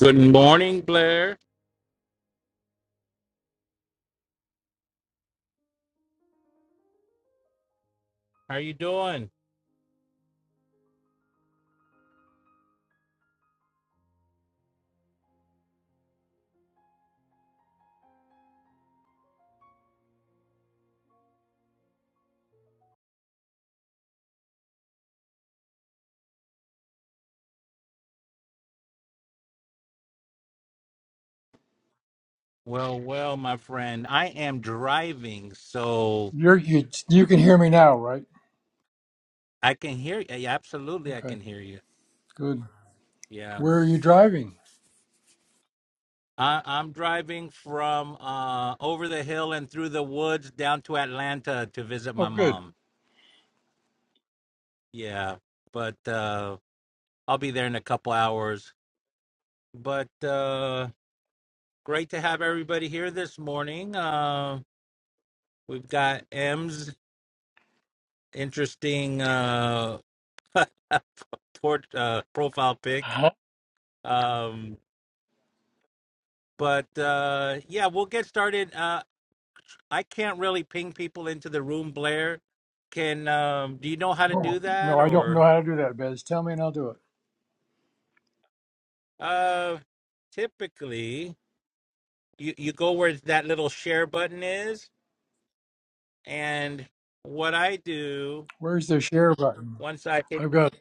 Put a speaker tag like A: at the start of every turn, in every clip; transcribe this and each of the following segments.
A: Good morning, Blair. How are you doing? Well, well, my friend. I am driving, so
B: You're, you you can hear me now, right?
A: I can hear you. Yeah, absolutely, I can
B: Okay,
A: hear you.
B: good.
A: Yeah.
B: Where are you driving?
A: I, I'm driving from uh, over the hill and through the woods down to Atlanta to visit
B: Oh,
A: my
B: good.
A: mom. Yeah, but uh, I'll be there in a couple hours. But uh, great to have everybody here this morning. Uh, we've got M's interesting. Uh, port uh, profile pic.
B: Huh?
A: Um, but uh, yeah, we'll get started. Uh, I can't really ping people into the room. Blair, can um, do you know how to
B: Oh,
A: do that?
B: no, I don't know
A: Or
B: how to do that, Bez. Tell me and I'll do it.
A: uh, typically, you you go where that little share button is, and what I do
B: Where's the share button?
A: once I hit
B: I've got,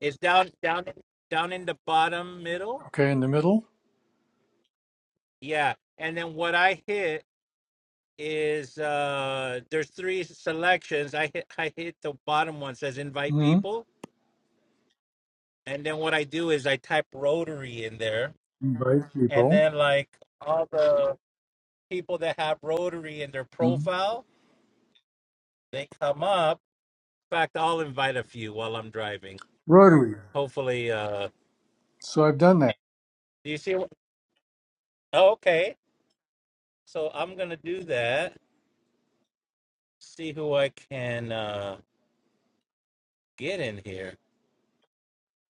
A: is down down down in the bottom middle.
B: okay, in the middle.
A: Yeah, and then what I hit is uh there's three selections i hit i hit the bottom one says invite
B: hmm
A: people and then what i do is i type rotary in there
B: Invite
A: and
B: people.
A: then like all the people that have rotary in their
B: hmm
A: profile they come up in fact i'll invite a few while i'm driving
B: Rotary.
A: hopefully uh
B: So I've done that.
A: do you see what- oh, okay so i'm gonna do that see who i can uh get in here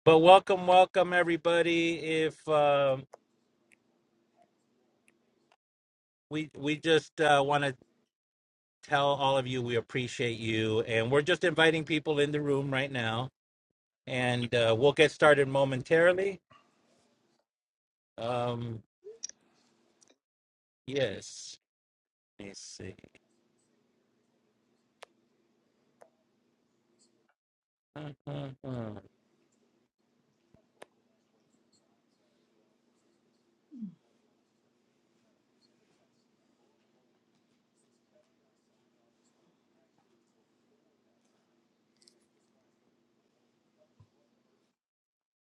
A: but welcome welcome everybody if um we we just uh, want to tell all of you we appreciate you. And we're just inviting people in the room right now. And uh, we'll get started momentarily. Um, yes. Let me see. Uh, uh, uh.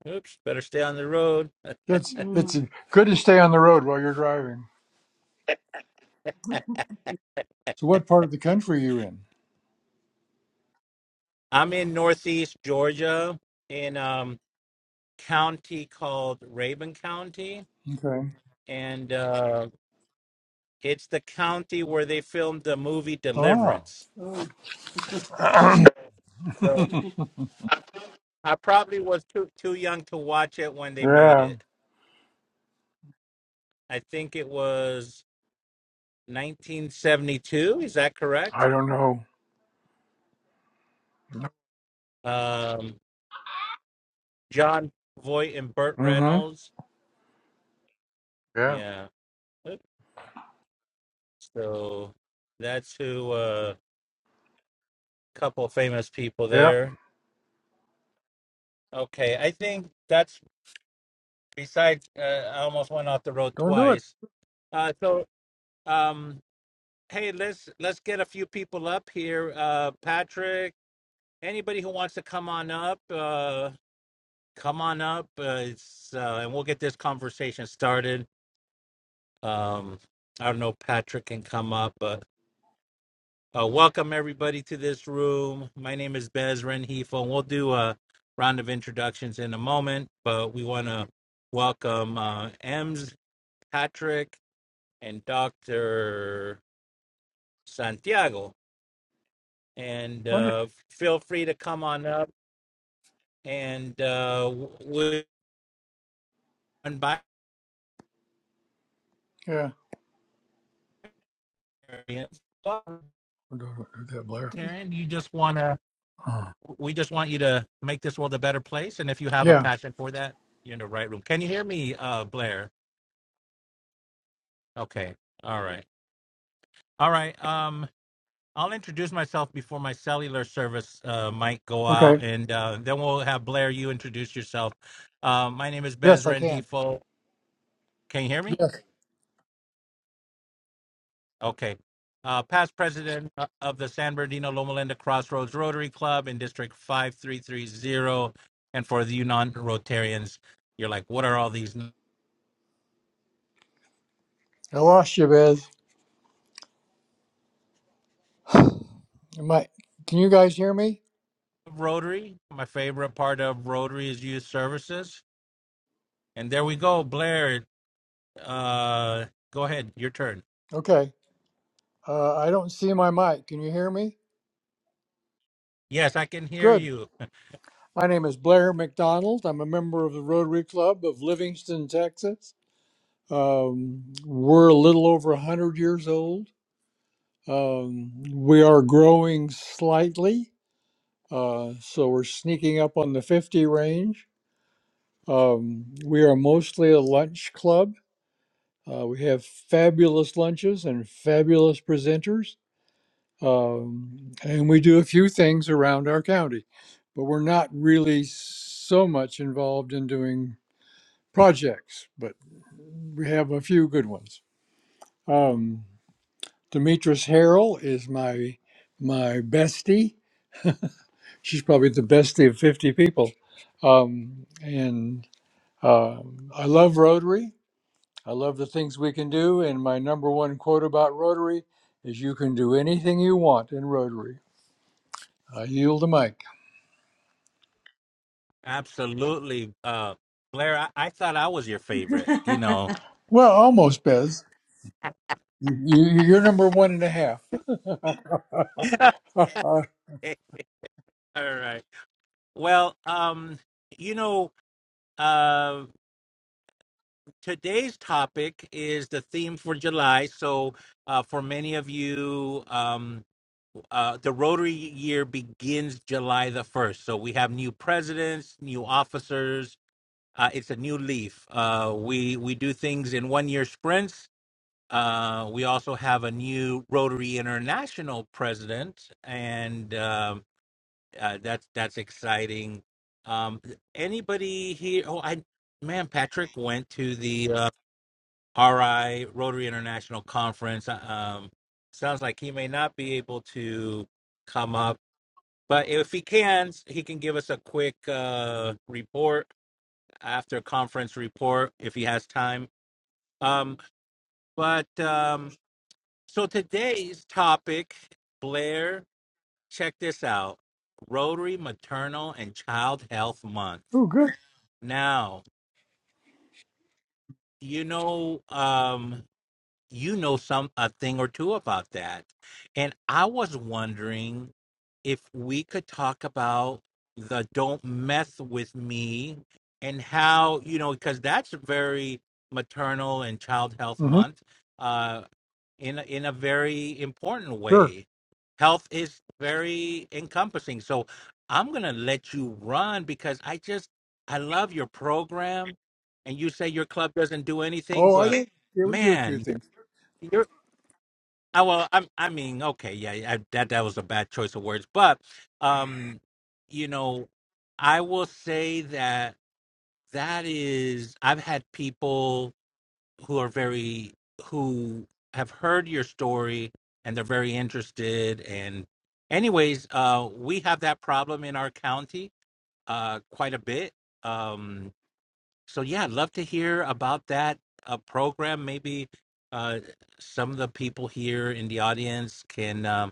A: Oops. Better stay on the road.
B: That's it's good to stay on the road while you're driving. So what part of the country are you in?
A: I'm in Northeast Georgia in um, county called Raven County.
B: Okay.
A: And uh, it's the county where they filmed the movie
B: Ah,
A: Deliverance. So I probably was too, too young to watch it when they made
B: yeah.
A: it. I think it was 1972. Is that correct?
B: I don't know.
A: Um, John Voight and Burt
B: Mm-hmm.
A: Reynolds.
B: Yeah.
A: Yeah. So that's who. uh, couple famous people
B: Yeah.
A: there. Okay, I think that's besides. Uh, I almost went off the road
B: Don't do it.
A: twice. Uh, so um, hey, let's let's get a few people up here. Uh, Patrick, anybody who wants to come on up, uh, come on up. Uh, it's uh, and we'll get this conversation started. Um, I don't know, Patrick can come up, but uh, welcome everybody to this room. My name is Bez Renhefel, and we'll do a round of introductions in a moment, but we want to welcome uh, Ems, Patrick, and Dr. Santiago. And
B: Wonder.
A: uh, feel free to come on up and uh, we'll invite
B: Yeah. Don't do it. Do that, Blair.
A: Karen. You just want to
B: Uh,
A: we just want you to make this world a better place. And if you have a
B: yeah.
A: passion for that, you're in the right room. Can you hear me, uh, Blair? Okay. All right. All right. Um, I'll introduce myself before my cellular service uh, might go
B: Okay.
A: out, and uh, then we'll have Blair. You introduce yourself. Uh, my name is
B: Yes, I
A: Bezran
B: can.
A: Hefo. Can you hear me?
B: Yes.
A: Okay. Uh, past president uh, of the San Bernardino Loma Linda Crossroads Rotary Club in District 5330. And for the non Rotarians, you're like, what are all these?
B: I lost you, Biz. Your Can you guys hear me?
A: Rotary. My favorite part of Rotary is youth services. And there we go, Blair. Uh, go ahead, your turn.
B: Okay. Uh, I don't see my mic. Can you hear me?
A: Yes, I can hear
B: Good.
A: you.
B: My name is Blair McDonald. I'm a member of the Rotary Club of Livingston, Texas. Um, we're a little over 100 years old. Um, we are growing slightly, uh, so we're sneaking up on the 50 range. Um, we are mostly a lunch club Uh, we have fabulous lunches and fabulous presenters. Um, and we do a few things around our county, but we're not really so much involved in doing projects, but we have a few good ones. Um, Demetris Harrell is my my bestie. She's probably the bestie of 50 people. Um, and uh, I love Rotary. I love the things we can do, and my number one quote about Rotary is you can do anything you want in Rotary. I yield the mic.
A: Absolutely, uh, Blair. I, I thought I was your favorite. You know.
B: Well, almost, Bez. You, you- you're number one and a half. oh,
A: Okay, All right. Well, um, you know, uh, today's topic is the theme for July. So, uh, for many of you, um, uh, the Rotary year begins July the 1st. So we have new presidents, new officers. Uh, it's a new leaf. Uh, we, we do things in one year sprints. Uh, we also have a new Rotary International president, and um uh, that's that's exciting. Um, anybody here? Oh, I man, Patrick went to the uh, RI Rotary International conference. uh, Um, sounds like he may not be able to come up but if he can, he can give us a quick uh, report after conference report if he has time. Um, but um, so today's topic, Blair, check this out Rotary Maternal and Child Health Month.
B: good.
A: Now, you know, um, you know some a thing or two about that. And I was wondering if we could talk about the don't mess with me and how, you know, because that's very maternal and child health
B: hmm
A: month uh in a, in a very important
B: Sure.
A: way. Health is very encompassing. So I'm going to let you run because I just I love your program and you say your club doesn't do anything,
B: Oh, I
A: but
B: did. Yeah, we do a few
A: man,
B: things.
A: you're, I well, I, I mean, okay, yeah, yeah, I, that that was a bad choice of words, but um, you know, I will say that that is, I've had people who are very who have heard your story and they're very interested. And, anyways, uh, we have that problem in our county, uh, quite a bit. Um, so yeah, I'd love to hear about that uh, program. Maybe uh, some of the people here in the audience can um,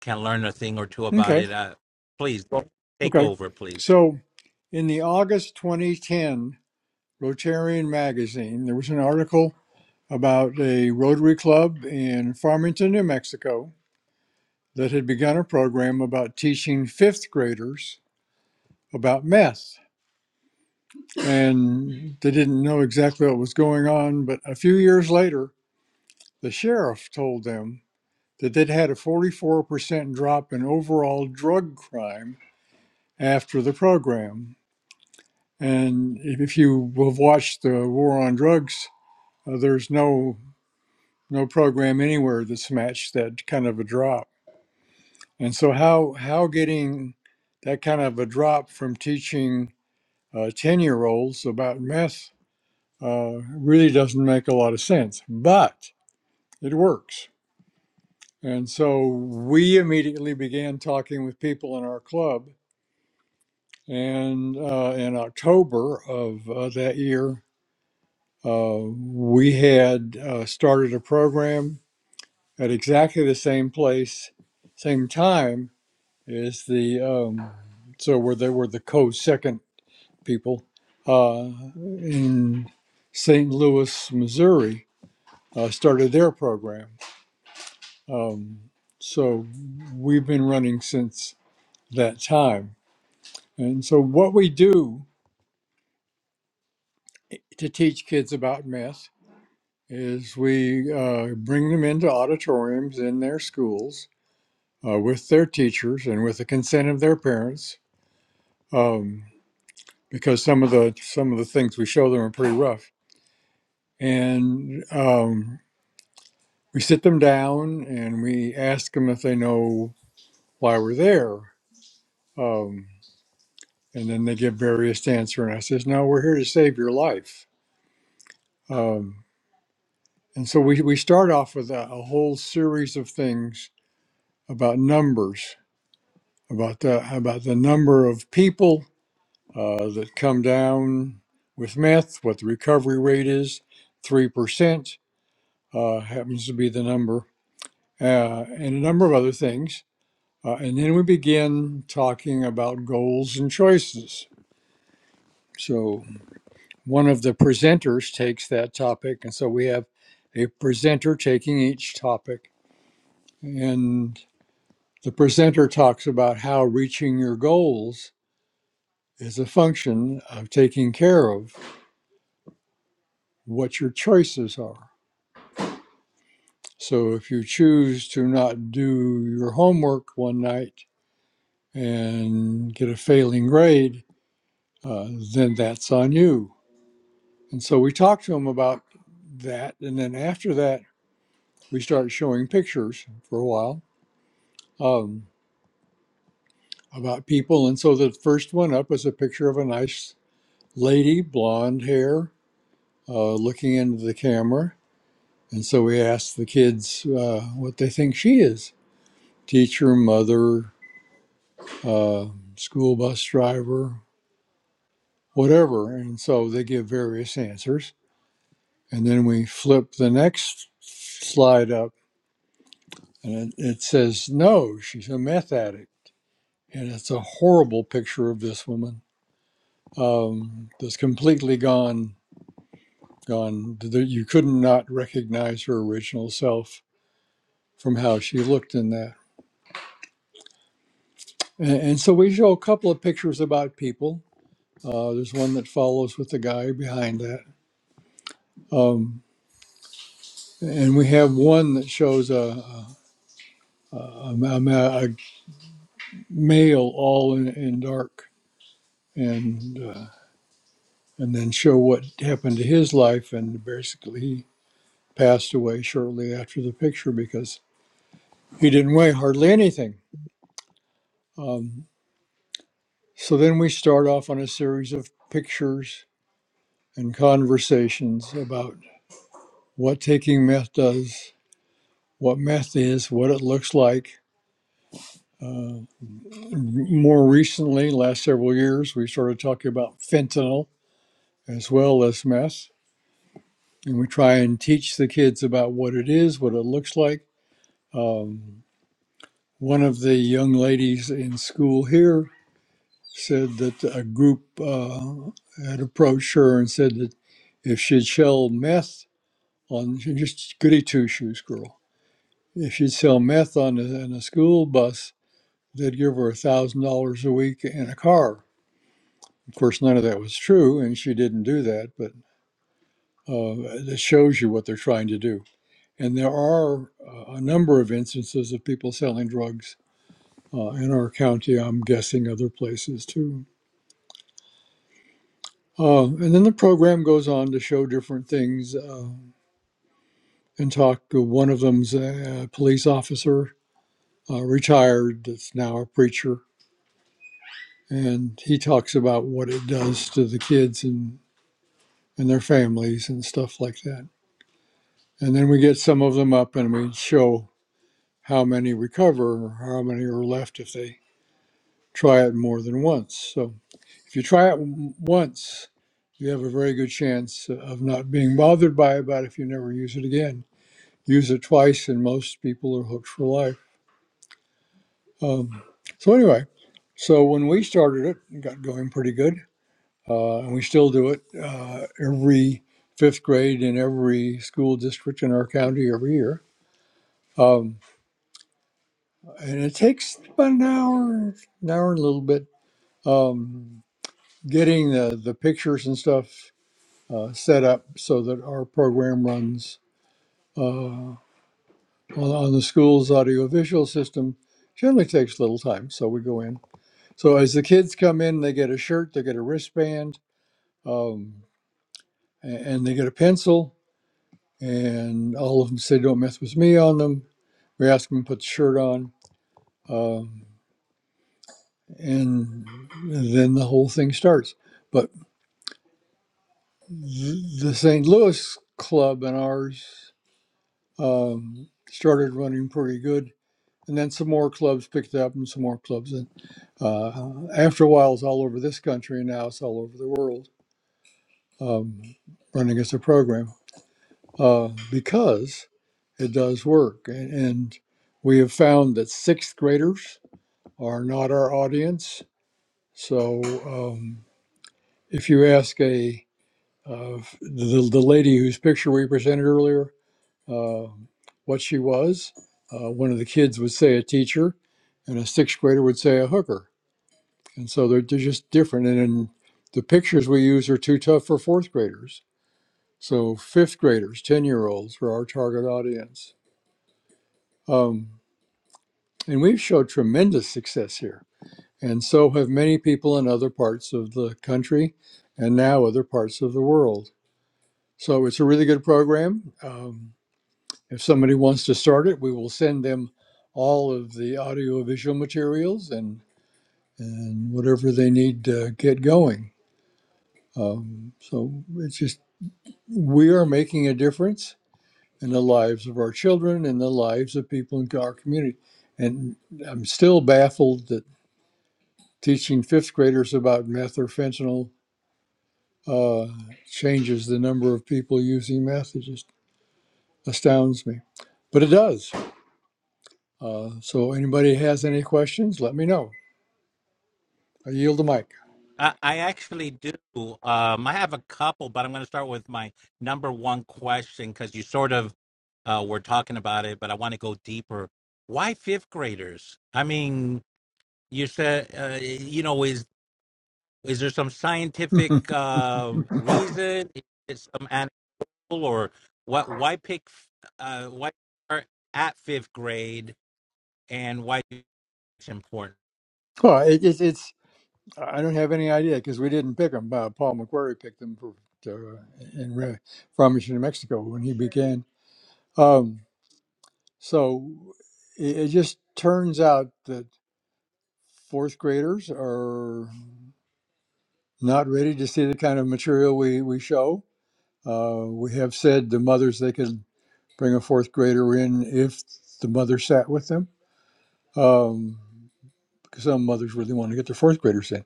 A: can learn a thing or two about
B: Okay.
A: it. Uh, please go- take
B: Okay.
A: over, please.
B: So, in the August 2010 Rotarian magazine, there was an article about a Rotary Club in Farmington, New Mexico that had begun a program about teaching fifth graders about meth. And they didn't know exactly what was going on, but a few years later, the sheriff told them that they'd had a 44% drop in overall drug crime after the program. And if you have watched the war on drugs, uh, there's no no program anywhere that's matched that kind of a drop. And so how how getting that kind of a drop from teaching uh, 10 year olds about meth uh, really doesn't make a lot of sense, but it works. And so we immediately began talking with people in our club. And uh, in October of uh, that year, uh, we had uh, started a program at exactly the same place, same time as the, um, so where they were the co second people uh, in St. Louis, Missouri uh, started their program. Um, so we've been running since that time. And so what we do to teach kids about myth is we uh, bring them into auditoriums in their schools uh, with their teachers and with the consent of their parents, um, because some of the some of the things we show them are pretty rough. And um, we sit them down and we ask them if they know why we're there. Um, and then they give various answer and i says no we're here to save your life um, and so we, we start off with a, a whole series of things about numbers about the about the number of people uh, that come down with meth what the recovery rate is 3% uh, happens to be the number uh, and a number of other things uh, and then we begin talking about goals and choices So. one of the presenters takes that topic. And so we have a presenter taking each topic. And the presenter talks about how reaching your goals is a function of taking care of what your choices are. So if you choose to not do your homework one night and get a failing grade, uh, then that's on you. And so we talk to them about that. And then after that, we start showing pictures for a while um, about people. And so the first one up was a picture of a nice lady, blonde hair, uh, looking into the camera. And so we asked the kids uh, what they think she is teacher, mother, uh, school bus driver, whatever. And so they give various answers. And then we flip the next slide up and it, it says, no, she's a meth addict. And it's a horrible picture of this woman um, that's completely gone gone that you couldn't not recognize her original self from how she looked in that and, and so we show a couple of pictures about people uh, there's one that follows with the guy behind that um, and we have one that shows a, a, a, a a male all in, in dark and uh, and then show what happened to his life and basically he passed away shortly after the picture because he didn't weigh hardly anything Um, So then we start off on a series of pictures and conversations about what taking meth does, what meth is, what it looks like. Uh, more recently, last several years, we started talking about fentanyl as well as meth. And we try and teach the kids about what it is, what it looks like. Um, one of the young ladies in school here said that a group uh, had approached her and said that if she'd shell meth, on she's just goody two shoes girl. If she'd sell meth on a, on a school bus, they'd give her a thousand dollars a week and a car. Of course, none of that was true, and she didn't do that. But uh, it shows you what they're trying to do. And there are uh, a number of instances of people selling drugs uh, in our county. I'm guessing other places too. Uh, and then the program goes on to show different things uh, and talk. One of them's a police officer, uh, retired, that's now a preacher and he talks about what it does to the kids and and their families and stuff like that. And then we get some of them up and we show how many recover or how many are left if they try it more than once. So if you try it w- once, you have a very good chance of not being bothered by it, but if you never use it again, use it twice and most people are hooked for life. Um, so anyway, so when we started it, it got going pretty good uh, and we still do it uh, every fifth grade in every school district in our county every year. Um, and it takes about an hour, an hour and a little bit, um, getting the, the pictures and stuff uh, set up so that our program runs uh, on, on the school's audiovisual system. Generally takes a little time, so we go in. So as the kids come in, they get a shirt, they get a wristband, um, a- and they get a pencil and all of them say don't mess with me on them. We ask them to put the shirt on, um, and then the whole thing starts. But th- the St. Louis club and ours um, started running pretty good, and then some more clubs picked up, and some more clubs, and uh, after a while, it's all over this country, and now it's all over the world um, running as a program. uh, because it does work. And, and we have found that sixth graders are not our audience. So um, if you ask a uh, the, the lady whose picture we presented earlier uh, what she was, uh, one of the kids would say a teacher, and a sixth grader would say a hooker. And so they're, they're just different. And then the pictures we use are too tough for fourth graders. So fifth graders, 10 year olds are our target audience. Um, And we've showed tremendous success here. And so have many people in other parts of the country and now other parts of the world. So it's a really good program. Um, if somebody wants to start it, we will send them all of the audiovisual materials and, and whatever they need to get going. Um, so it's just, we are making a difference in the lives of our children and the lives of people in our community. And I'm still baffled that. teaching fifth graders about meth or fentanyl uh, changes the number of people using meth. It just astounds me, but it does. Uh, so, anybody has any questions? Let me know. I yield the mic.
A: I, I actually do. Um, I have a couple, but I'm going to start with my number one question because you sort of uh, were talking about it, but I want to go deeper. Why fifth graders? I mean, you said uh, you know is Is there some scientific um, reason? Is it some animal or what? Why pick? Uh, why start at fifth grade and why it's important?
B: Well, it, it's it's I don't have any idea because we didn't pick them. Uh, Paul McQuarrie picked them for to, in Re- Farmington, New Mexico, when he began. Um, so it, it just turns out that fourth graders are. not ready to see the kind of material we, we show. Uh, we have said the mothers they could bring a fourth grader in if the mother sat with them, um, because some mothers really want to get their fourth graders in.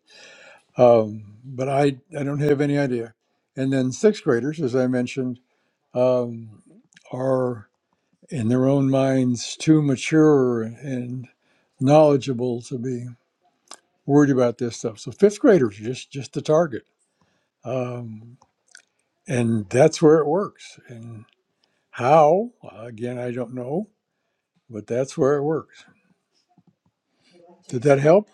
B: Um, but I, I don't have any idea. And then sixth graders, as I mentioned, um, are in their own minds too mature and knowledgeable to be worried about this stuff. So fifth graders are just just the target. Um, and that's where it works. And how, again, I don't know, but that's where it works. Did that help?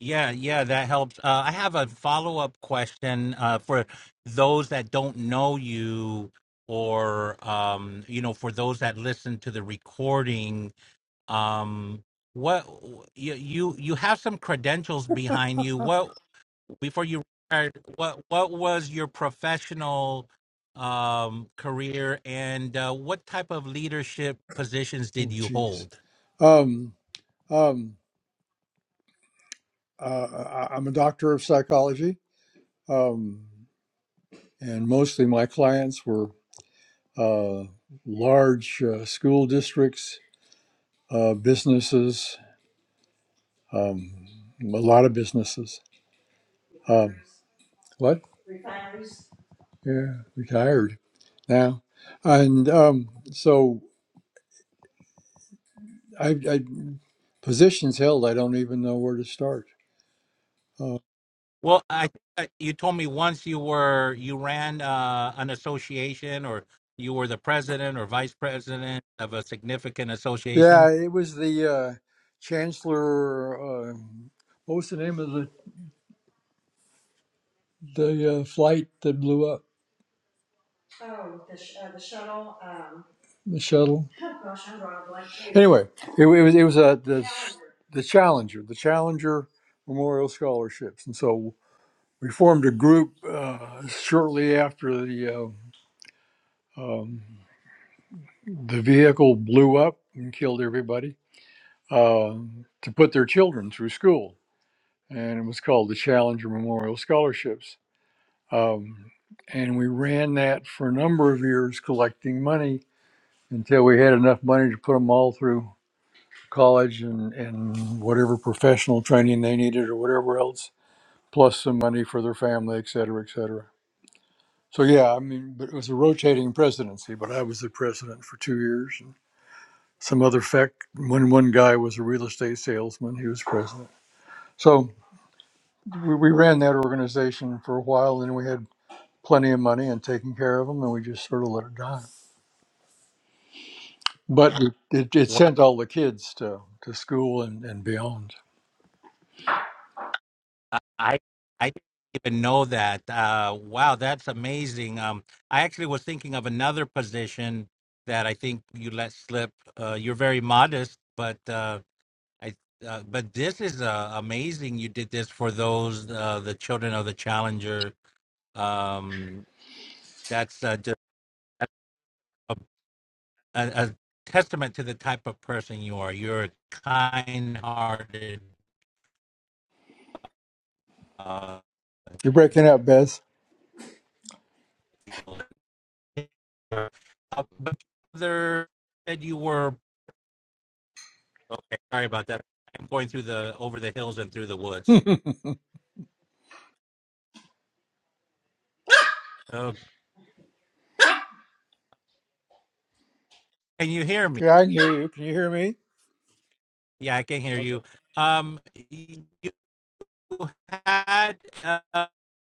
A: Yeah, yeah, that helps. Uh, I have a follow up question uh, for those that don't know you, or um, you know, for those that listen to the recording. Um, what you you you have some credentials behind you? What before you retired, what what was your professional um, career, and uh, what type of leadership positions did
B: Oh,
A: you
B: geez.
A: hold?
B: Um, um, uh, I- I'm a doctor of psychology, um, and mostly my clients were uh, large uh, school districts, uh, businesses, um, a lot of businesses. Um, what? Yeah, retired now. And um, so I, I positions held. I don't even know where to start. Uh,
A: Well, I, I you told me once you were you ran uh, an association, or you were the president or vice president of a significant association.
B: yeah, it was the uh, Chancellor. Uh, what was the name of the the uh, flight that blew up the shuttle? Anyway, it, wa- it was it was uh, the the Challenger, the Challenger Memorial Scholarships, and so we formed a group uh, shortly after the uh, um, the vehicle blew up and killed everybody uh, to put their children through school. and it was called the Challenger Memorial Scholarships. Um, and we ran that for a number of years, collecting money until we had enough money to put them all through college and, and whatever professional training they needed or whatever else, plus some money for their family, et cetera, et cetera. So, yeah, I mean, but it was a rotating presidency, but I was the president for two years. And some other fact, when one guy was a real estate salesman, he was president. So we, we ran that organization for a while, and we had plenty of money and taking care of them, and we just sort of let it die. But we- it, it sent all the kids to, to school and, and beyond.
A: I I I didn't even know that. Uh, wow, that's amazing. Um, I actually was thinking of another position that I think you let slip. Uh, you're very modest, but uh, I uh, but this is uh, amazing. You did this for those uh, the children of the challenger. Um, that's uh, just a, a, a testament to the type of person you are. You're a kind-hearted. Uh,
B: You're breaking up, Beth.
A: Uh, but there said you were. Okay, sorry about that. I'm going through the over the hills and through the woods. Uh, can you hear me?
B: Yeah, I can hear you. Can you hear me?
A: Yeah, I can hear
B: Okay.
A: you. Um, you had uh,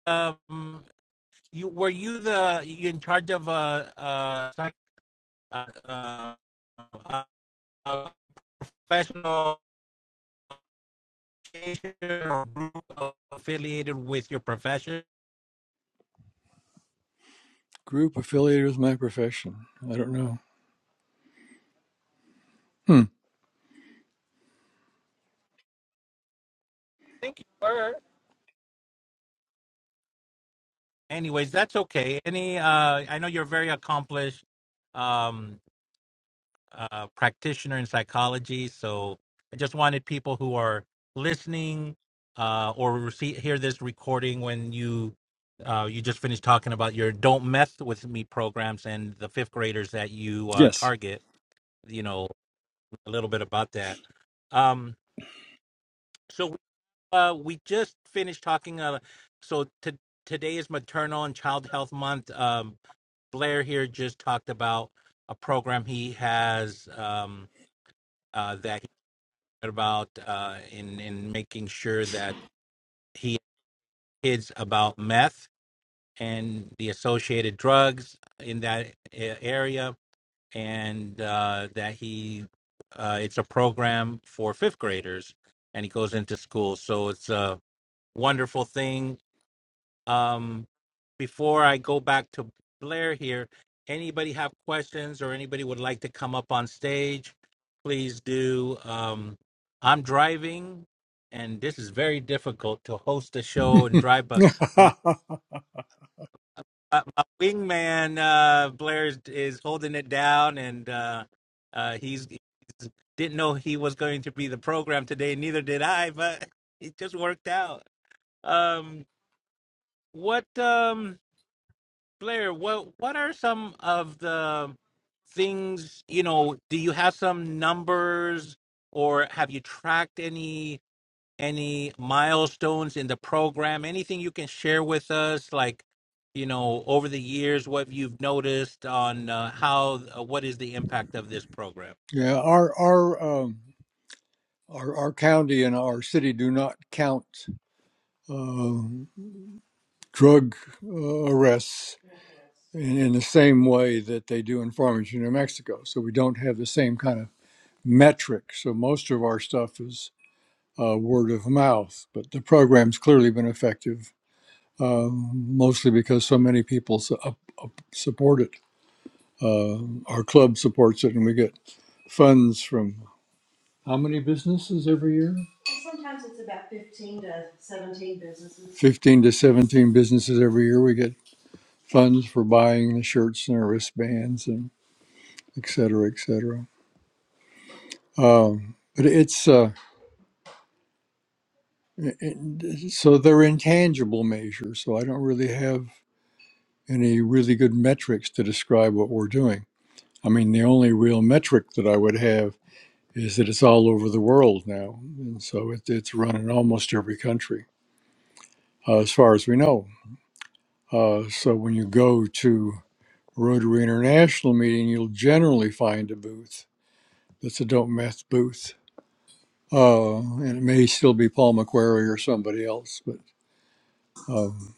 A: um, you were you the you in charge of a uh, uh, uh, uh, uh, uh, professional association or group affiliated with your profession?
B: Group affiliated with my profession. I don't know. Hmm.
A: I think you were. anyways that's okay any uh i know you're a very accomplished um uh practitioner in psychology so i just wanted people who are listening uh or receive, hear this recording when you uh you just finished talking about your don't mess with me programs and the fifth graders that you uh
B: Yes.
A: target you know a little bit about that um so Uh, we just finished talking. Uh, so to, today is Maternal and Child Health Month. Um, Blair here just talked about a program he has um, uh, that he heard about uh, in in making sure that he kids about meth and the associated drugs in that a- area, and uh, that he uh, it's a program for fifth graders, and he goes into school. So it's a wonderful thing Um, before I go back to Blair here, anybody have questions or anybody would like to come up on stage, please do. Um, I'm driving, and this is very difficult to host a show and drive, but
B: yeah.
A: my, my my wingman uh, Blair is, is holding it down, and uh, uh, he's, he's didn't know he was going to be the program today. Neither did I, but it just worked out. Um, what? Um, Blair, what what are some of the things, you know, do you have some numbers or have you tracked any any milestones in the program? Anything you can share with us like, you know, over the years what you've noticed on uh, how uh, what is the impact of this program?
B: Our our um, our our county and our city do not count um, drug uh, arrests in, in the same way that they do in farmers in New Mexico. So we don't have the same kind of metric. So most of our stuff is uh, word of mouth, but the program's clearly been effective, um, mostly because so many people su- up, up support it. Uh, our club supports it, and we get funds from how many businesses every year? 15 to 17 businesses every year. We get funds for buying the shirts and the wristbands and et cetera, et cetera. Um, but it's. uh, I- I- So they're intangible measures. So I don't really have any really good metrics to describe what we're doing. I mean, the only real metric that I would have is that it's all over the world now. And so it, it's run in almost every country, uh, as far as we know. Uh, so when you go to Rotary International meeting, you'll generally find a booth that's a Don't Meth booth. Uh, and it may still be Paul McQuarrie or somebody else, but um,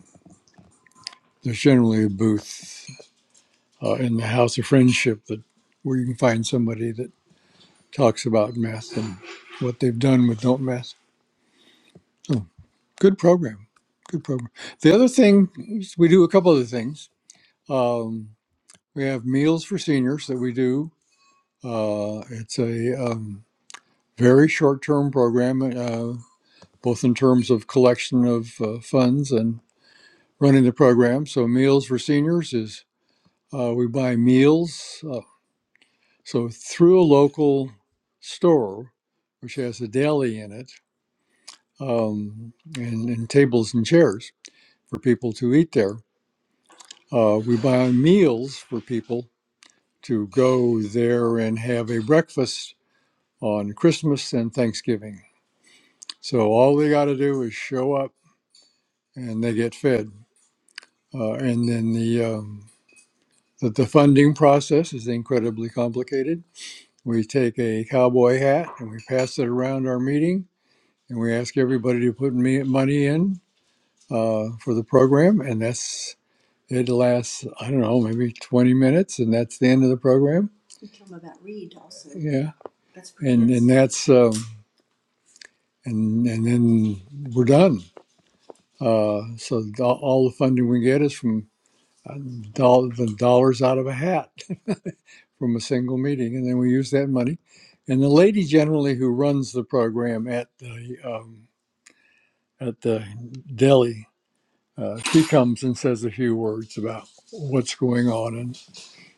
B: there's generally a booth uh, in the House of Friendship that where you can find somebody that talks about meth and what they've done with don't meth. So good program, good program. The other thing is we do a couple other things. Um, we have meals for seniors that we do. Uh, it's a um, very short-term program, uh, both in terms of collection of uh, funds and running the program. So meals for seniors is uh, we buy meals. uh, So through a local store, which has a deli in it, um, and, and tables and chairs for people to eat there, uh, we buy meals for people to go there and have a breakfast on Christmas and Thanksgiving. So all they got to do is show up, and they get fed. Uh, and then the, um, the the funding process is incredibly complicated. We take a cowboy hat and we pass it around our meeting And we ask everybody to put me, money in uh, for the program. And that's, it lasts, I don't know, maybe 20 minutes. And that's the end of the program. Yeah. and and that's um, and and then we're done. Uh, so the- all the funding we get is from uh, doll- the dollars out of a hat from a single meeting, and then we use that money. And the lady generally who runs the program at the um, at the deli Uh, she comes and says a few words about what's going on and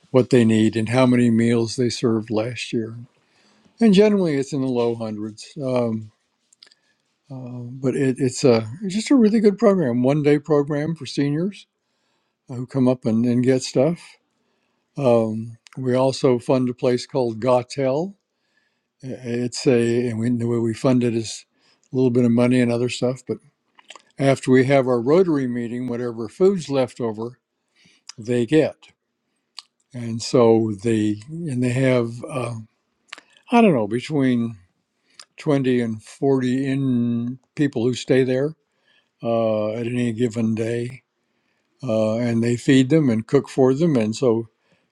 B: what they need and how many meals they served last year. And generally, it's in the low hundreds. Um, uh, but it, it's a it's just a really good program, one day program for seniors who come up and, and get stuff. Um, we also fund a place called Gotel. It's a and we, the way we fund it is a little bit of money and other stuff. But after we have our Rotary meeting, whatever food's left over, they get. and so they and they have uh, I don't know between twenty and forty in people who stay there uh, at any given day, uh, and they feed them and cook for them, and so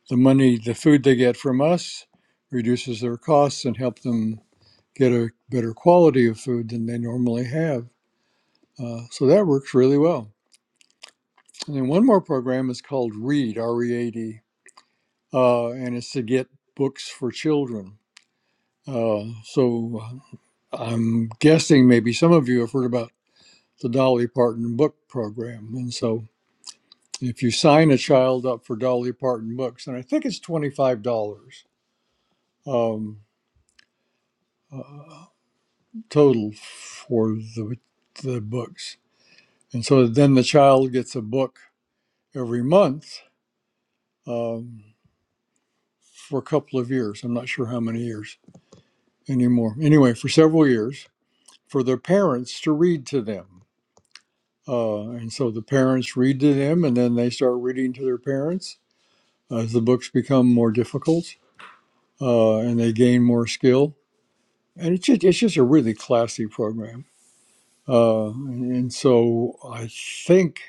B: the money, the food they get from us, reduces their costs and help them get a better quality of food than they normally have. Uh, so that works really well. And then one more program is called READ, R E A D, uh, and it's to get books for children. Uh, so I'm guessing maybe some of you have heard about the Dolly Parton book program. And so if you sign a child up for Dolly Parton books, and I think it's $25 um, uh, total for the, the books. And so then the child gets a book every month um, for a couple of years. I'm not sure how many years anymore. Anyway, for several years for their parents to read to them. Uh, and so the parents read to them, and then they start reading to their parents as the books become more difficult uh, and they gain more skill. And it's just, it's just a really classy program. Uh, and so I think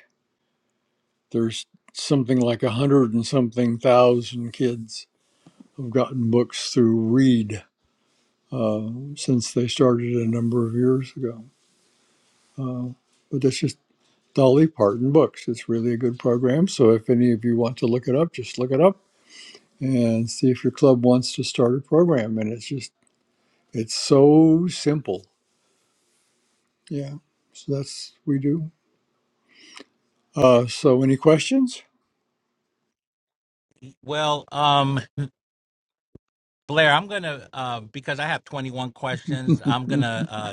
B: there's something like a hundred and something thousand kids have gotten books through Read uh, since they started a number of years ago. But that's just Dolly Parton Books. It's really a good program. So if any of you want to look it up, just look it up and see if your club wants to start a program. And it's just, it's so simple Yeah, so that's we do. Uh, so any questions?
A: Well, um Blair, I'm going to uh because I have 21 questions, I'm going to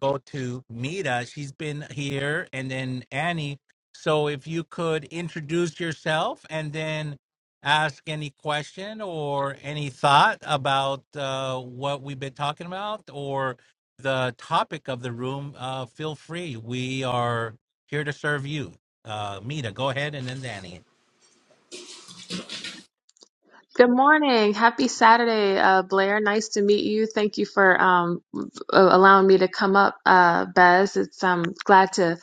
A: go to Mita. She's been here, and then Annie. So if you could introduce yourself and then ask any question or any thought about uh, what we've been talking about or the topic of the room, uh, feel free. We are here to serve you. Uh, Mita, go ahead, and then Annie.
C: Good morning. Happy Saturday, uh, Blair. Nice to meet you. Thank you for um, uh, allowing me to come up, uh, Bez. It's um, glad to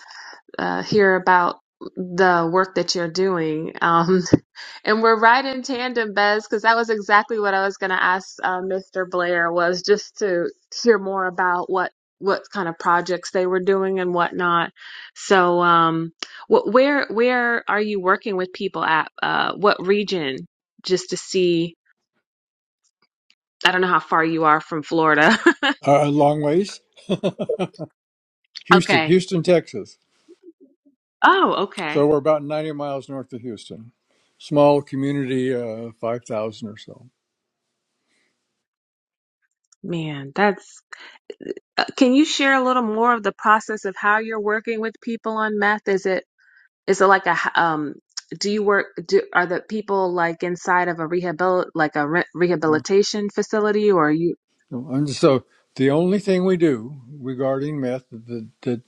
C: uh, hear about the work that you're doing. Um, and we're right in tandem, Bez, because that was exactly what I was going to ask uh, Mr. Blair was just to hear more about what what kind of projects they were doing and whatnot. So, um, what where where are you working with people at? Uh, what region? Just to see. I don't know how far you are from Florida.
B: Uh, a long ways. Houston,
C: okay.
B: Houston, Texas.
C: Oh, okay.
B: So we're about 90 miles north of Houston. Small community, uh, 5,000 or so.
C: Man, that's. uh, Can you share a little more of the process of how you're working with people on meth? Is it is it like a h- um? Do you work? Do are the people like inside of a rehabil like a re-
B: Uh,
C: rehabilitation facility, or are you?
B: And so the only thing we do regarding meth that, that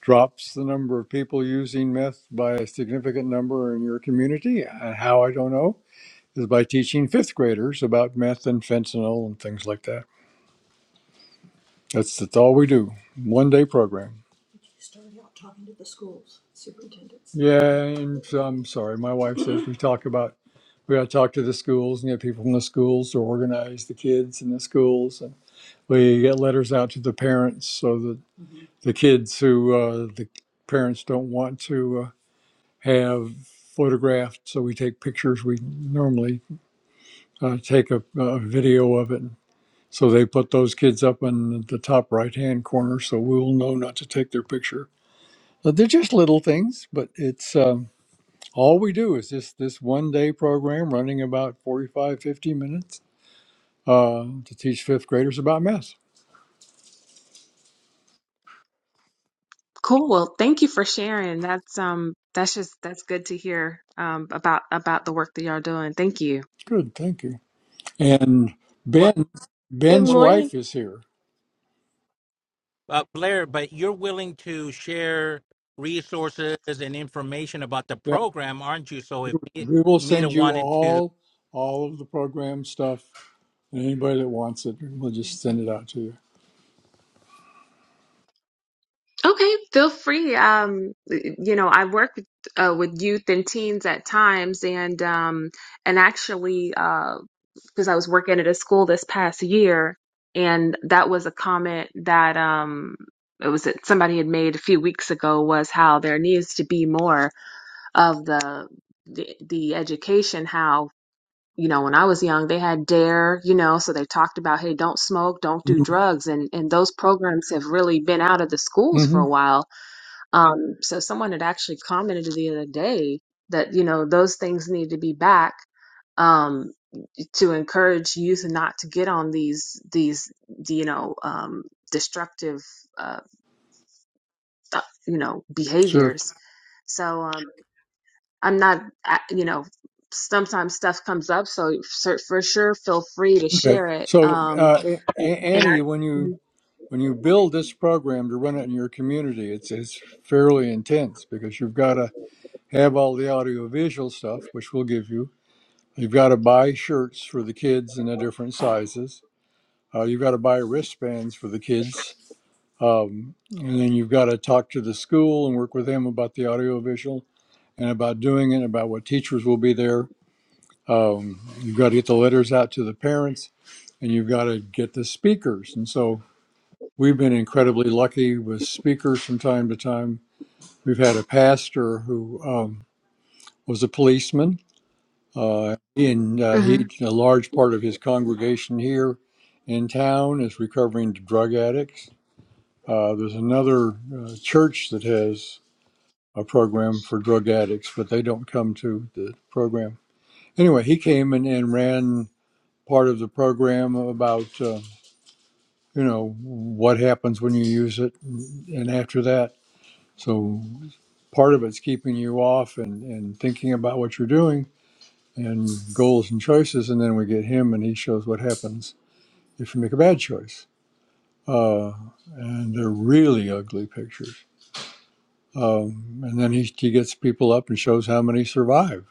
B: drops the number of people using meth by a significant number in your community, uh, how I don't know, is by teaching fifth graders about meth and fentanyl and things like that. That's that's all we do. One day program. You started out talking to the schools' superintendents. Yeah, and so I'm sorry. My wife says we talk about we got to talk to the schools and get people from the schools to organize the kids in the schools, and we get letters out to the parents so that the kids who uh, the parents don't want to uh, have photographed, so we take pictures. We normally uh, take a, a video of it so they put those kids up in the top right hand corner so we will know not to take their picture. But they're just little things, but it's um, all we do is this, this one day program running about 45, 50 minutes uh, to teach fifth graders about math.
C: Cool. Well, thank you for sharing. That's um. That's just that's good to hear um about about the work that y'all doing. Thank you.
B: Good, thank you. And
A: What?
B: Ben,
D: Good
B: Ben's
D: morning.
B: wife is here.
A: uh, Blair, but you're willing to share resources and information about the
B: Yeah,
A: program, aren't you? So if Me-
B: we will
A: Mita
B: send you
A: wanted to,
B: all all of the program stuff. And anybody that wants it, we'll just send it out to you.
C: Okay, feel free. Um, you know, I work with, uh, with youth and teens at times, and um, and actually, uh, because I was working at a school this past year, and that was a comment that um, it was that somebody had made a few weeks ago was how there needs to be more of the the, the education how. You know, when I was young, they had DARE, you know, so they talked about, hey, don't smoke, don't do
B: mm
C: drugs. And, and those programs have really been out of the schools for
B: hmm
C: a while um, so someone had actually commented the other day that, you know, those things need to be back um, to encourage youth not to get on these these you know um, destructive uh, uh, you know
B: Sure.
C: behaviors. So um, I'm not I- you know sometimes stuff comes up, so for, for sure feel free to
B: Okay.
C: share it.
B: So,
C: Um,
B: uh, A-
C: and
B: Annie, when
C: I.
B: you when you build this program to run it in your community, it's it's fairly intense because you've got to have all the audiovisual stuff, which we'll give you. You've got to buy shirts for the kids in the different sizes. Uh, you've got to buy wristbands for the kids, um, and then you've got to talk to the school and work with them about the audiovisual and about doing it, about what teachers will be there um, you've got to get the letters out to the parents, and you've got to get the speakers. And so we've been incredibly lucky with speakers from time to time. We've had a pastor who um, was a policeman, uh, and uh,
C: hmm
B: he a large part of his congregation here in town is recovering drug addicts. Uh, there's another uh, church that has a program for drug addicts, but they don't come to the program. Anyway, he came and, and ran part of the program about uh, you know what happens when you use it and after that so part of it's keeping you off and, and thinking about what you're doing and goals and choices and then we get him and he shows what happens if you make a bad choice uh, and they're really ugly pictures um, and then he, he gets people up and shows how many survive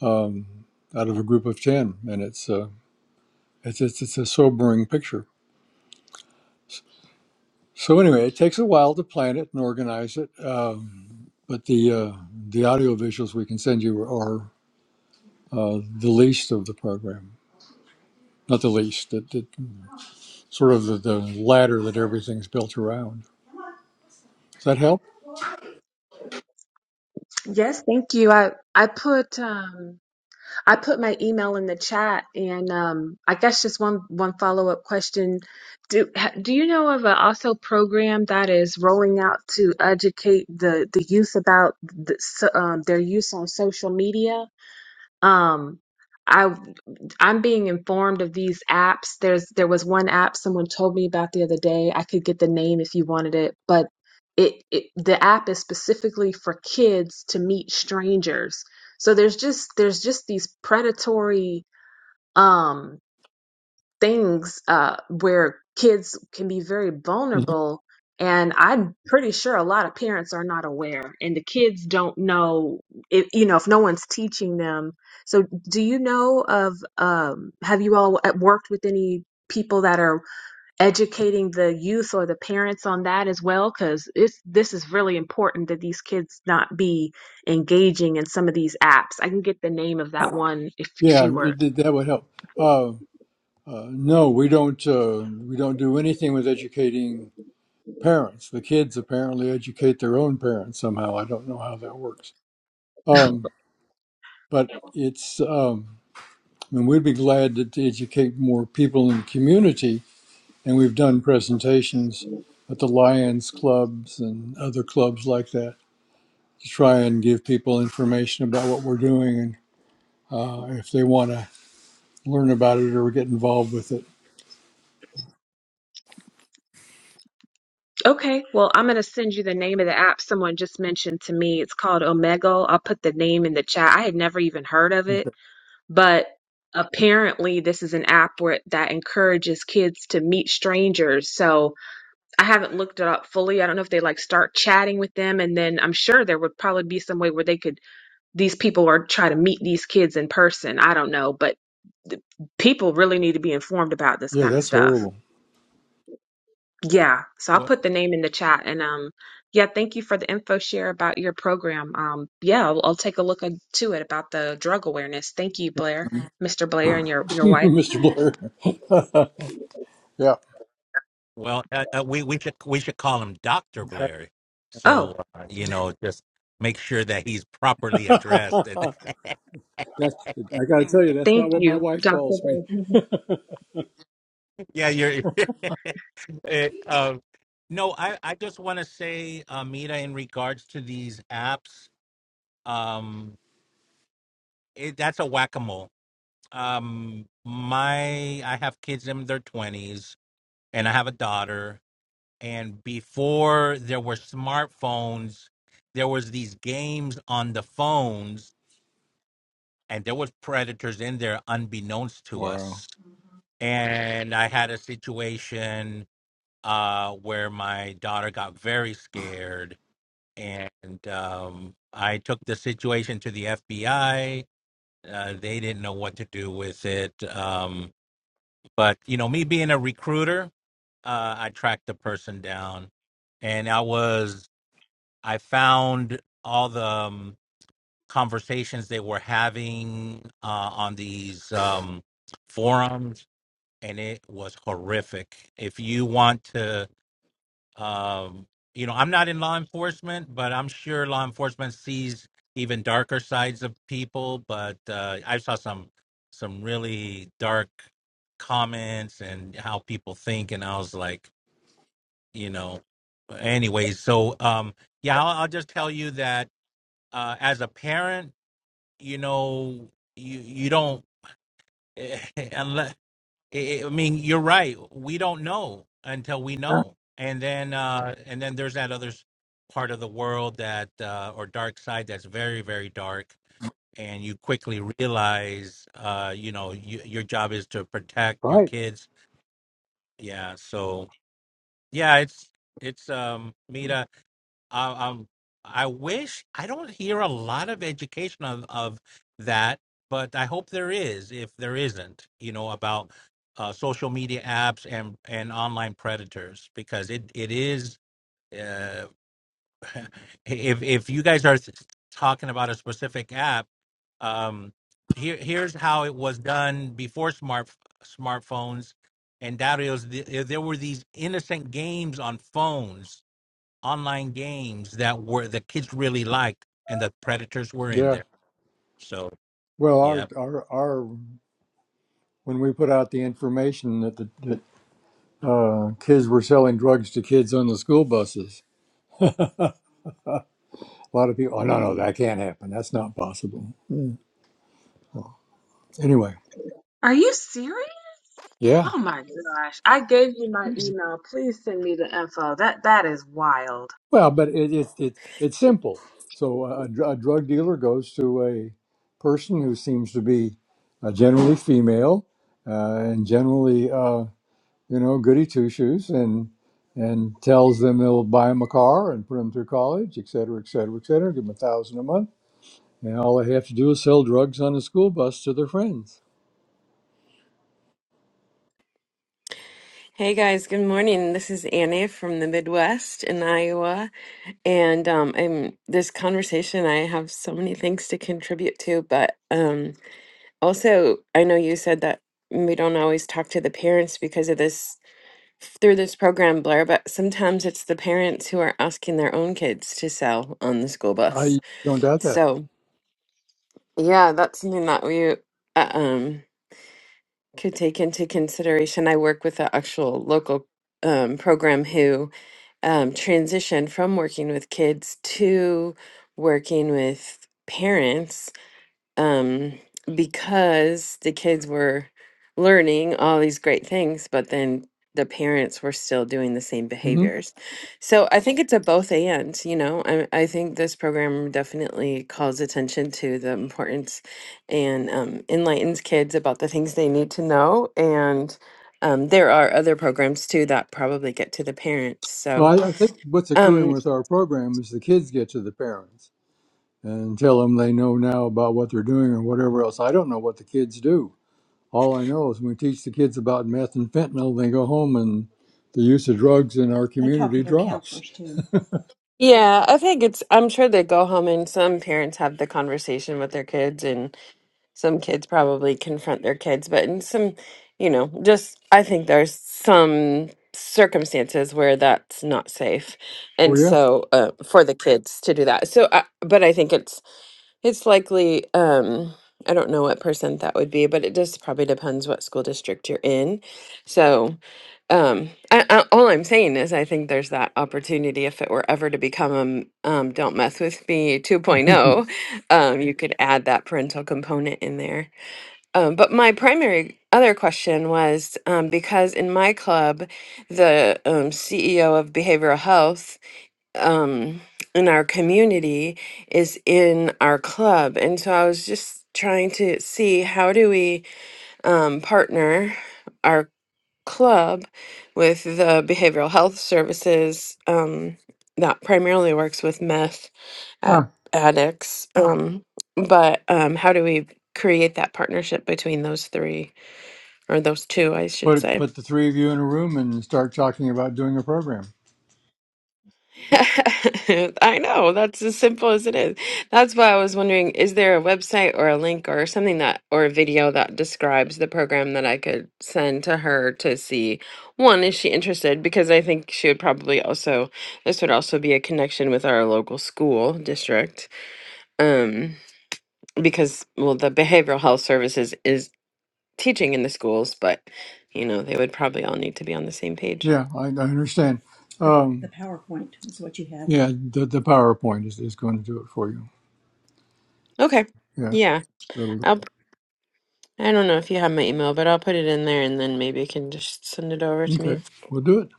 B: um, out of a group of 10 and it's, uh, it's, it's, it's a sobering picture So So anyway, it takes a while to plan it and organize it, um, but the uh, the audio visuals we can send you are uh, the least of the program, not the least, it, it, sort of the, the ladder that everything's built around. Does that help?
C: Yes, thank you. I I put um I put my email in the chat, and um I guess just one one follow up question. Do ha- do you know of a also program that is rolling out to educate the the youth about the, so- um, their use on social media? Um, I I'm being informed of these apps. There's there was one app someone told me about the other day. I could get the name if you wanted it, but it, it the app is specifically for kids to meet strangers. So there's just there's just these predatory um things uh, where kids can be very
B: hmm
C: vulnerable. And I'm pretty sure a lot of parents are not aware, and the kids don't know if you know if no one's teaching them. So, do you know of? Um, have you all uh, worked with any people that are educating the youth or the parents on that as well? Because it's this is really important that these kids not be engaging in some of these apps. I can get the name of that one if if
B: Yeah,
C: you were
B: it, did that would help. Uh, uh, no, we don't uh, we don't do anything with educating parents. The kids apparently educate their own parents somehow. I don't know how that works. Um, but it's um, And we'd be glad to, to educate more people in the community. And we've done presentations at the Lions clubs and other clubs like that to try and give people information about what we're doing and uh, if they want to learn about it or get involved with it.
C: Okay, well, I'm going to send you the name of the app someone just mentioned to me. It's called Omegle. I'll put the name in the chat. I had never even heard of it, but apparently this is an app where that encourages kids to meet strangers. So I haven't looked it up fully. I don't know if they like start chatting with them, and then I'm sure there would probably be some way where they could these people or try to meet these kids in person. I don't know, but th- people really need to be informed about this
B: Yeah,
C: kind of
B: that's
C: stuff.
B: horrible,
C: Yeah, so I'll
A: well,
C: put the name in the chat and um yeah, thank you for the info share about your program. Um yeah, I'll, I'll take a look into it about the drug awareness. Thank you, Blair, Mr. Blair and your your wife.
B: Mr. Blair. yeah.
A: well uh, uh, we we should we should call him Doctor Blair.
C: Oh,
A: So uh, you know, just make sure that he's properly addressed. And
B: that's, I got to tell you, that's
C: thank
B: not what my
C: you,
B: wife
C: Dr.
B: calls me.
C: Blair.
A: yeah, you're. Uh, um, no, I I just want to say, uh, Mita, in regards to these apps, um, it, that's a whack a mole. Um, my I have kids in their twenties and I have a daughter. And before there were smartphones, there was these games on the phones, and there was predators in there unbeknownst to
B: Wow.
A: us. And I had a situation uh, where my daughter got very scared, and um, I took the situation to the FBI. Uh, they didn't know what to do with it. Um, But you know, me being a recruiter, uh, I tracked the person down, and I was I found all the um, conversations they were having uh, on these um, forums, and it was horrific. If you want to um, you know, I'm not in law enforcement, but I'm sure law enforcement sees even darker sides of people. But uh, I saw some some really dark comments and how people think, and I was like, you know, anyways. So, um, yeah, I'll, I'll just tell you that uh, as a parent, you know, you you don't. unless. I I mean, you're right. We don't know until we
B: Yeah.
A: know, and then uh, and then there's that other s- part of the world that uh, or dark side that's very very dark, and you quickly realize, uh, you know, you, your job is to protect your kids. Yeah. So yeah, it's it's um, Mita. Uh, um, I wish I don't hear a lot of education of, of that, but I hope there is. If there isn't, you know, about uh, social media apps and and online predators, because it it is. Uh, if if you guys are talking about a specific app, um, here here's how it was done before smart smartphones and that is there were these innocent games on phones online games that were the kids really liked, and the Predators were in
B: Yeah.
A: there. So,
B: Well,
A: yeah.
B: our, our, our, when we put out the information that the, that uh, kids were selling drugs to kids on the school buses. A lot of people, oh no, no, that can't happen. That's not possible. Mm. Anyway,
C: Are you serious?
B: yeah.
C: Oh my gosh. I gave you my email. Please send me the info. That that is wild.
B: Well, but it, it, it it's simple. So a, dr- a drug dealer goes to a person who seems to be uh, generally female uh, and generally, uh, you know, goody two shoes, and and tells them they'll buy them a car and put them through college, et cetera, et cetera, et cetera. Give them a thousand a month, and all they have to do is sell drugs on a school bus to their friends
D: Hey guys, good morning. This is Annie from the Midwest in Iowa. And um I'm this conversation I have so many things to contribute to, but um also I know you said that we don't always talk to the parents because of this through this program, Blair, but sometimes it's the parents who are asking their own kids to sell on the school bus.
B: I don't doubt that.
D: So yeah, that's something that we uh, um could take into consideration. I work with an actual local um, program who um, transitioned from working with kids to working with parents um, because the kids were learning all these great things, but then the parents were still doing the same
B: hmm
D: behaviors. So I think it's a both and, you know, I, I think this program definitely calls attention to the importance and um, enlightens kids about the things they need to know. And um, there are other programs too that probably get to the parents.
B: Well,
D: So,
B: I, I think what's occurring
D: um,
B: with our program is the kids get to the parents and tell them they know now about what they're doing or whatever else. I don't know what the kids do. All I know is when we teach the kids about meth and fentanyl, they go home and the use of drugs in our I talk community drops. too.
D: yeah, I think it's, I'm sure they go home and some parents have the conversation with their kids and some kids probably confront their kids, but in some, you know, just I think there's some circumstances where that's not safe,
B: Oh
D: and
B: yeah.
D: so uh, for the kids to do that. So, uh, but I think it's it's likely, um, I don't know what percent that would be, but it just probably depends what school district you're in. So, um, I, I, all I'm saying is I think there's that opportunity if it were ever to become um, um, Don't Mess With Me 2.0, um, you could add that parental component in there. Um, but my primary other question was um, because in my club, the um, CEO of behavioral health um in our community is in our club and so i was just trying to see how do we um partner our club with the behavioral health services um that primarily works with meth at
B: ah,
D: addicts um but um how do we create that partnership between those three or those two i should
B: Put
D: say
B: put the three of you in a room and start talking about doing a program.
D: I know, that's as simple as it is. That's why I was wondering, is there a website or a link or something that, or a video that describes the program that I could send to her to see? One, is she interested? Because I think she would probably also, this would also be a connection with our local school district. Um, because, well, the behavioral health services is teaching in the schools, but, you know, they would probably all need to be on the same page.
B: Yeah, I, I understand. The, the Um, yeah, the, the PowerPoint is, is going to do it for you.
D: Okay.
B: Yeah.
D: Yeah.
B: That'll-
D: I don't know if you have my email, but I'll put it in there and then maybe you can just send it over to me.
B: Okay, we'll do it.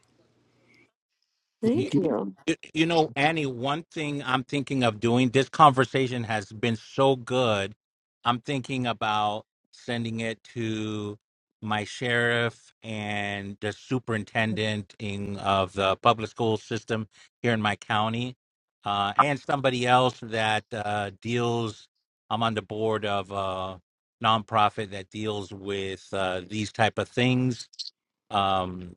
A: you,
B: Thank
D: Thank
B: you.
A: you
D: you.
A: you know, Annie, one thing I'm thinking of doing, this conversation has been so good. I'm thinking about sending it to my sheriff and the superintendent in of the public school system here in my county, uh, and somebody else that uh, deals. I'm on the board of a nonprofit that deals with uh, these type of things um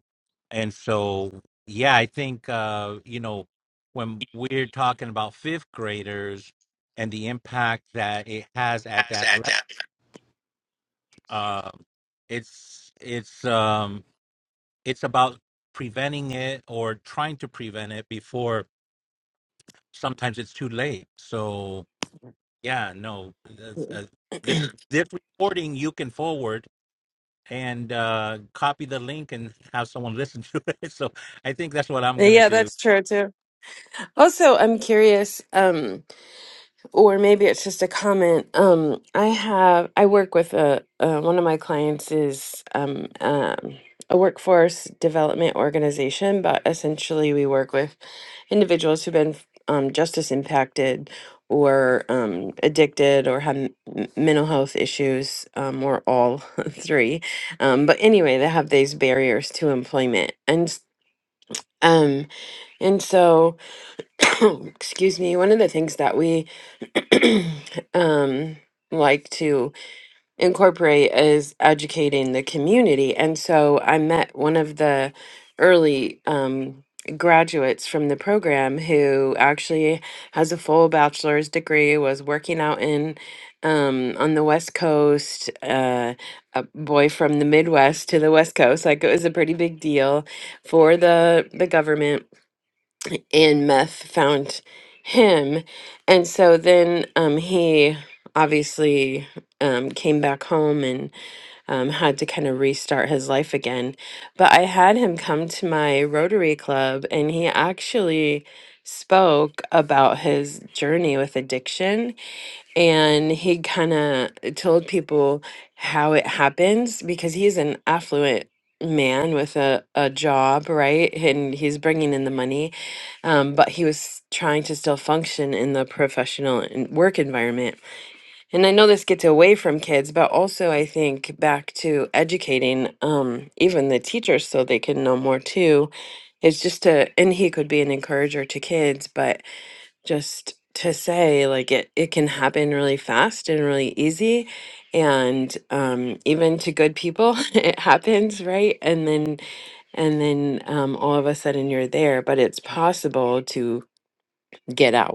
A: and so yeah i think uh you know when we're talking about fifth graders and the impact that it has at that level um it's it's um it's about preventing it or trying to prevent it before sometimes it's too late so yeah no that's, uh, this this recording you can forward and uh copy the link and have someone listen to it so i think that's what i'm gonna
D: Yeah,
A: do
D: that's true too. Also, I'm curious, um, or maybe it's just a comment. Um, I have I work with a uh, one of my clients is um, um, a workforce development organization, but essentially we work with individuals who've been um, justice impacted or um, addicted or have m- m- mental health issues um, or all three. Um, but anyway, they have these barriers to employment and s- um, and so. excuse me, one of the things that we um, like to incorporate is educating the community. And so I met one of the early um, graduates from the program who actually has a full bachelor's degree, was working out in um on the west coast uh a boy from the midwest to the west coast like it was a pretty big deal for the the government and meth found him and so then um he obviously um came back home and um had to kind of restart his life again but i had him come to my rotary club and he actually spoke about his journey with addiction and he kind of told people how it happens because he's an affluent man with a, a job right and he's bringing in the money um, but he was trying to still function in the professional and work environment and i know this gets away from kids but also i think back to educating um, even the teachers so they can know more too it's just a and he could be an encourager to kids but just to say like it it can happen really fast and really easy and um even to good people it happens right and then and then um all of a sudden you're there but it's possible to get out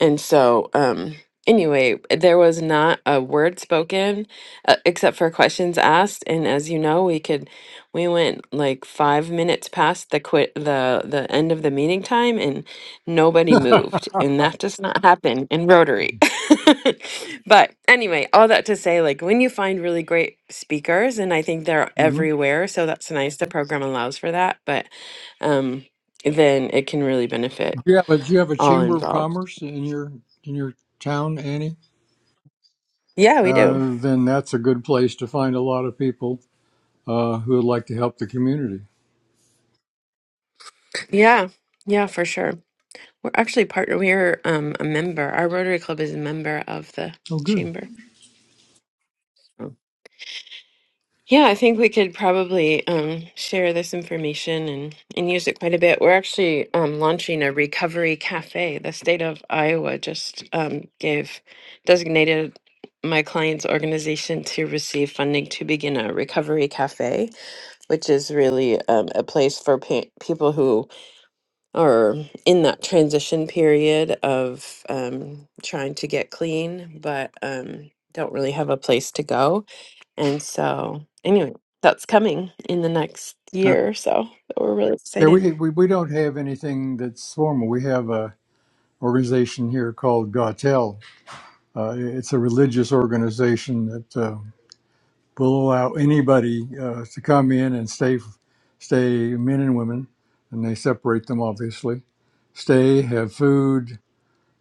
D: and so, um, anyway, there was not a word spoken uh, except for questions asked. And as you know, we could, we went like five minutes past the quit, the the end of the meeting time, and nobody moved. And that does not happen in Rotary. but anyway, all that to say, like when you find really great speakers, and I think they're
B: Mhm.
D: everywhere, so that's nice. The program allows for that, but um, then it can really
B: Do
D: benefit
B: you have a Do you have a
D: all
B: chamber of
D: involved.
B: commerce in your in your town, Annie?
D: Yeah, we do.
B: Uh, then that's a good place to find a lot of people uh, who would like to help the community.
D: Yeah, yeah, for sure. We're actually partner. We're um, a member. Our Rotary Club is a member of the
B: Oh, good.
D: chamber. Oh. Yeah, I think we could probably um, share this information and, and use it quite a bit. We're actually um, launching a recovery cafe. The state of Iowa just um, gave designated my client's organization to receive funding to begin a recovery cafe, which is really um, a place for pa- people who or in that transition period of um, trying to get clean, but um, don't really have a place to go. And so, anyway, that's coming in the next
B: Uh,
D: year or so. But We're really
B: yeah,
D: excited.
B: we, we we don't have anything that's formal. We have a organization here called Gautel. Uh, it's a religious organization that uh, We'll allow anybody uh, to come in and stay, stay men and women, and they separate them obviously. Stay, have food,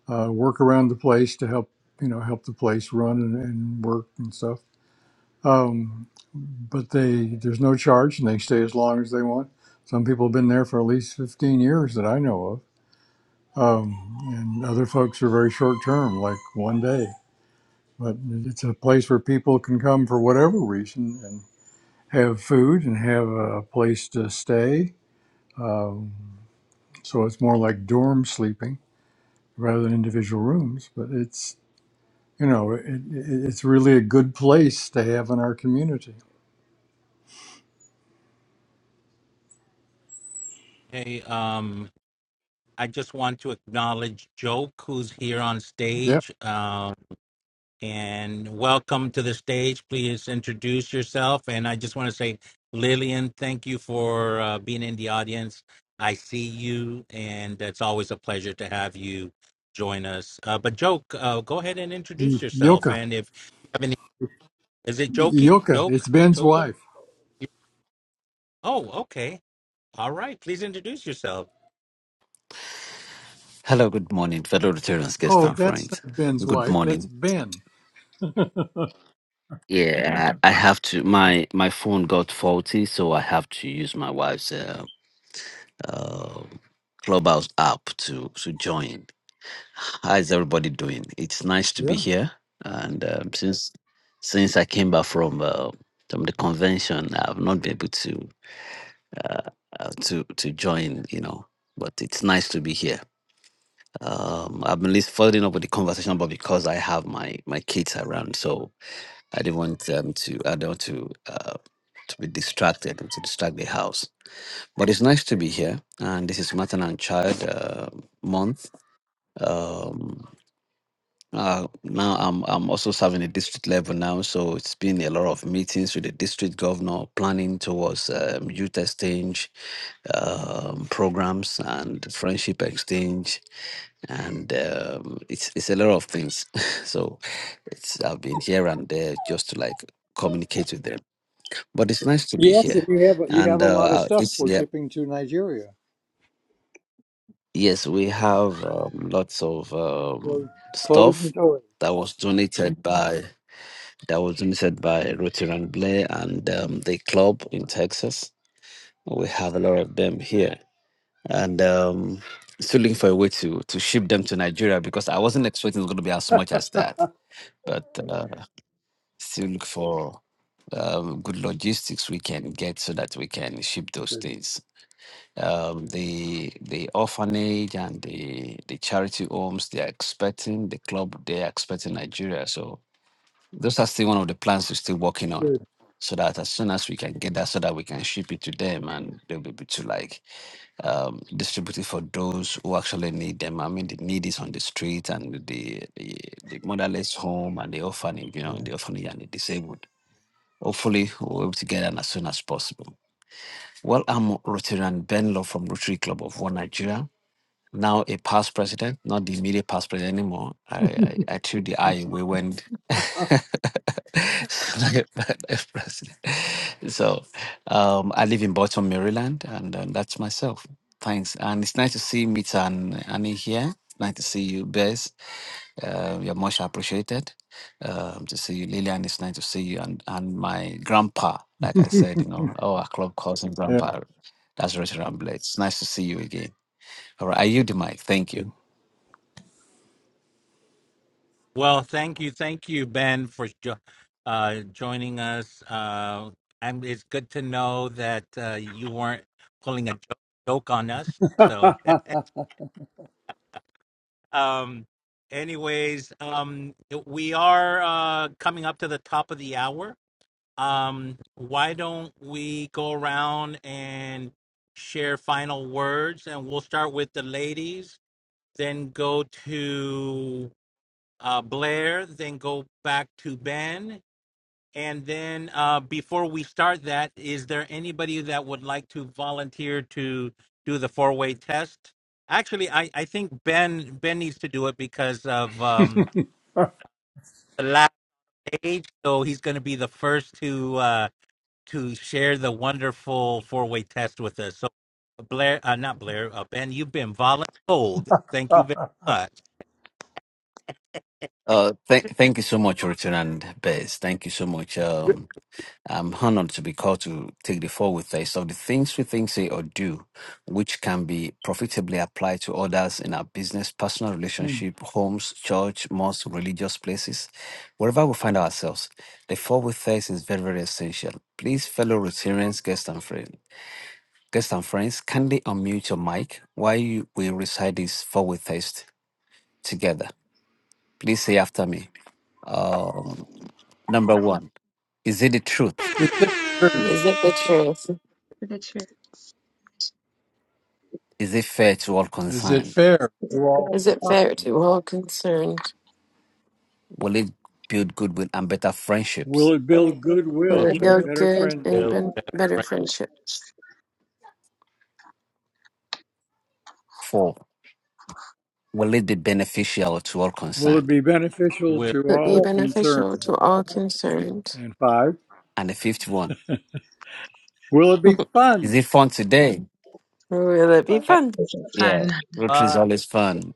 B: uh, work around the place to help you know help the place run and, and work and stuff. Um, but they there's no charge, and they stay as long as they want. Some people have been there for at least 15 years that I know of, um, and other folks are very short term, like one day. But it's a place where people can come for whatever reason have food and have a place to stay. Um, so it's more like dorm sleeping rather than individual rooms. But it's you know it, it, it's really a good place to have in our community.
A: Hey, um, I just want to acknowledge Joke, who's here on
B: Yep.
A: stage, um, and welcome to the stage. Please introduce yourself. And I just want to say, Lillian, thank you for uh, being in the audience. I see you, and it's always a pleasure to have you join us. Uh, but Joke, uh, go ahead and introduce yourself.
B: Yoka,
A: And if you have any, is it Jokey?
B: Yoka,
A: Joke?
B: it's Ben's
A: Joker?
B: wife.
A: Oh, okay. All right. Please introduce yourself.
E: Hello, good morning, fellow Rotarians, guest
B: Oh,
E: and
B: that's
E: friends.
B: not Ben's
E: Good
B: wife. That's
E: morning.
B: Ben.
E: Yeah, I I have to. My my phone got faulty, so I have to use my wife's uh, uh, clubhouse app to to join. How's everybody doing? It's nice to
B: Yeah.
E: be here, and um, since since I came back from uh, from the convention, I've not been able to uh, uh, to to join. You know, but it's nice to be here. Um, I'm at least furthering up with the conversation, but because I have my my kids around, so I didn't want them to I don't want to uh, to be distracted and to distract the house. But it's nice to be here, and this is Martin and Child uh, Month. Um, uh, now I'm I'm also serving at district level now, so it's been a lot of meetings with the district governor, planning towards um, youth exchange um, programs and friendship exchange and um, it's it's a lot of things. so it's I've been here and there just to like communicate with them. But it's nice to be
B: Yes, and
E: here,
B: you have you have
E: and uh,
B: a lot of
E: uh,
B: stuff
E: this
B: we're
E: yeah
B: shipping to Nigeria.
E: yes we have um, lots of
B: So,
E: um,
B: Clothes
E: stuff
B: and toys.
E: that was donated by that was donated by Rotiran Blair and um, the club in Texas. We have a lot of them here, and. Um, Still looking for a way to to ship them to Nigeria because I wasn't expecting it's going to be as much as that but uh, still look for um, good logistics we can get so that we can ship those
B: Good.
E: things. Um, the the orphanage and the the charity homes they are expecting the club they are expecting Nigeria. So those are still one of the plans we're still working on.
B: Good.
E: So that as soon as we can get that, so that we can ship it to them and they'll be able to like um, distribute it for those who actually need them. I mean, the need is on the street and the the, the motherless home and the orphanage, you know,
B: Yeah.
E: the orphanage and the disabled Hopefully, we'll be together as soon as possible. Well, I'm Rotarian Ben Law from Rotary Club of One Nigeria, now a past president, not the immediate past president anymore. I, I, I threw the eye away when. so, like a past president. So um, I live in Baltimore, Maryland, and uh, that's myself. Thanks. And it's nice to see Mita and Annie here. Nice to see you, Bez. Uh, you're much appreciated. Um, to see you, Lillian, it's nice to see you. And, and my grandpa, like I said, you know, our club calls him
B: yeah.
E: grandpa. That's Richard Ramblay. It's nice to see you again. All right, I yield the mic.
B: Thank
E: Thank you.
A: Well, thank you, thank you, Ben, for jo- uh, joining us. Uh, and it's good to know that uh, you weren't pulling a jo- joke on us. So, um, anyways, um, we are uh, coming up to the top of the hour. Um, why don't we go around and share final words? And we'll start with the ladies, then go to uh, Blair, then go back to Ben, And then uh, before we start that, is there anybody that would like to volunteer to do the four way test? Actually, I, I think Ben Ben needs to do it because of um, the last age, so he's going to be the first to uh, to share the wonderful four way test with us. So Blair, uh, not Blair, uh, Ben, you've been voluntold. Thank you very much.
E: Uh, thank, thank you so much, Richard and Bez. Thank you so much. Um, I'm honored to be called to take the fall with us of the things we think, say, or do, which can be profitably applied to others in our business, personal
B: you.
E: relationship, homes, church, mosque, religious places, wherever we find ourselves. The fall with us is very, very essential. Please, fellow Rotarians, guests, and friends, guests and friends, kindly unmute your mic while you, we recite this fall with us together. Please say after me. Um, number one, is it the truth?
B: Is it fair?
D: Is it the truth?
C: Look at you.
E: Is it fair to all
B: Is it
E: concerned?
B: fair to all
D: Is it
B: concerned?
D: fair to all concerned?
E: Will it build goodwill and better
B: Will
E: friendships?
B: it build
D: Will
A: Well,
B: goodwill
D: it
B: and
D: build
B: better
D: good and
B: friendship?
D: ben- better
A: right,
D: friendship?
E: Four, will it be beneficial to all
B: Will it
E: concerned?
B: be beneficial
A: well,
B: to
D: Will it be
B: all concerned?
D: beneficial to all concerned?
B: And five,
E: And the fifth one,
B: will it be
E: is
B: fun?
E: it fun today?
D: Will it be
B: Fun.
D: fun?
E: Yeah,
C: Fun.
E: Rotary is
A: uh,
E: always fun.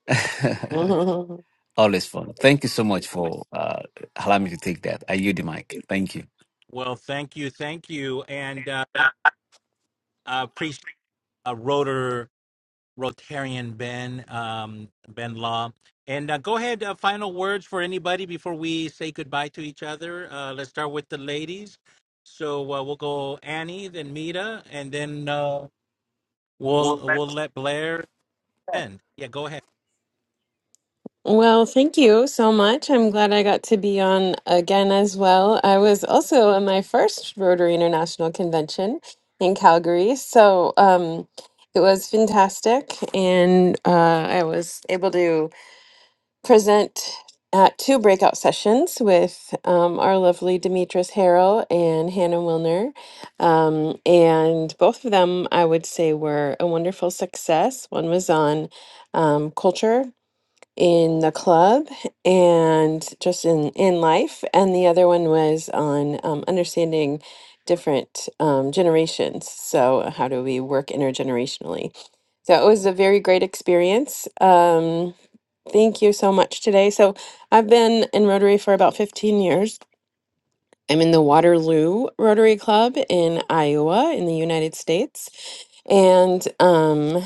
E: always fun. Thank you so much for uh, allowing me to take that. I yield the mic. Thank you.
A: well, thank you, thank you, and uh, I I appreciate a rotor Rotarian Ben um, Ben Law. And uh, go ahead, uh, final words for anybody before we say goodbye to each other. Uh, let's start with the ladies. So uh, we'll go Annie, then Mita, and then uh, we'll we'll let Blair end. Yeah, go ahead.
D: Well, thank you so much. I'm glad I got to be on again as well. I was also at my first Rotary International Convention in Calgary, so um, it was fantastic, and uh, I was able to present at two breakout sessions with um, our lovely Demetris Harrell and Hannah Wilner, um, and both of them I would say were a wonderful success. One was on um, culture in the club and just in in life and the other one was on um, understanding different um, generations so how do we work intergenerationally so it was a very great experience um, thank you so much today so i've been in rotary for about 15 years i'm in the waterloo rotary club in iowa in the united states and um,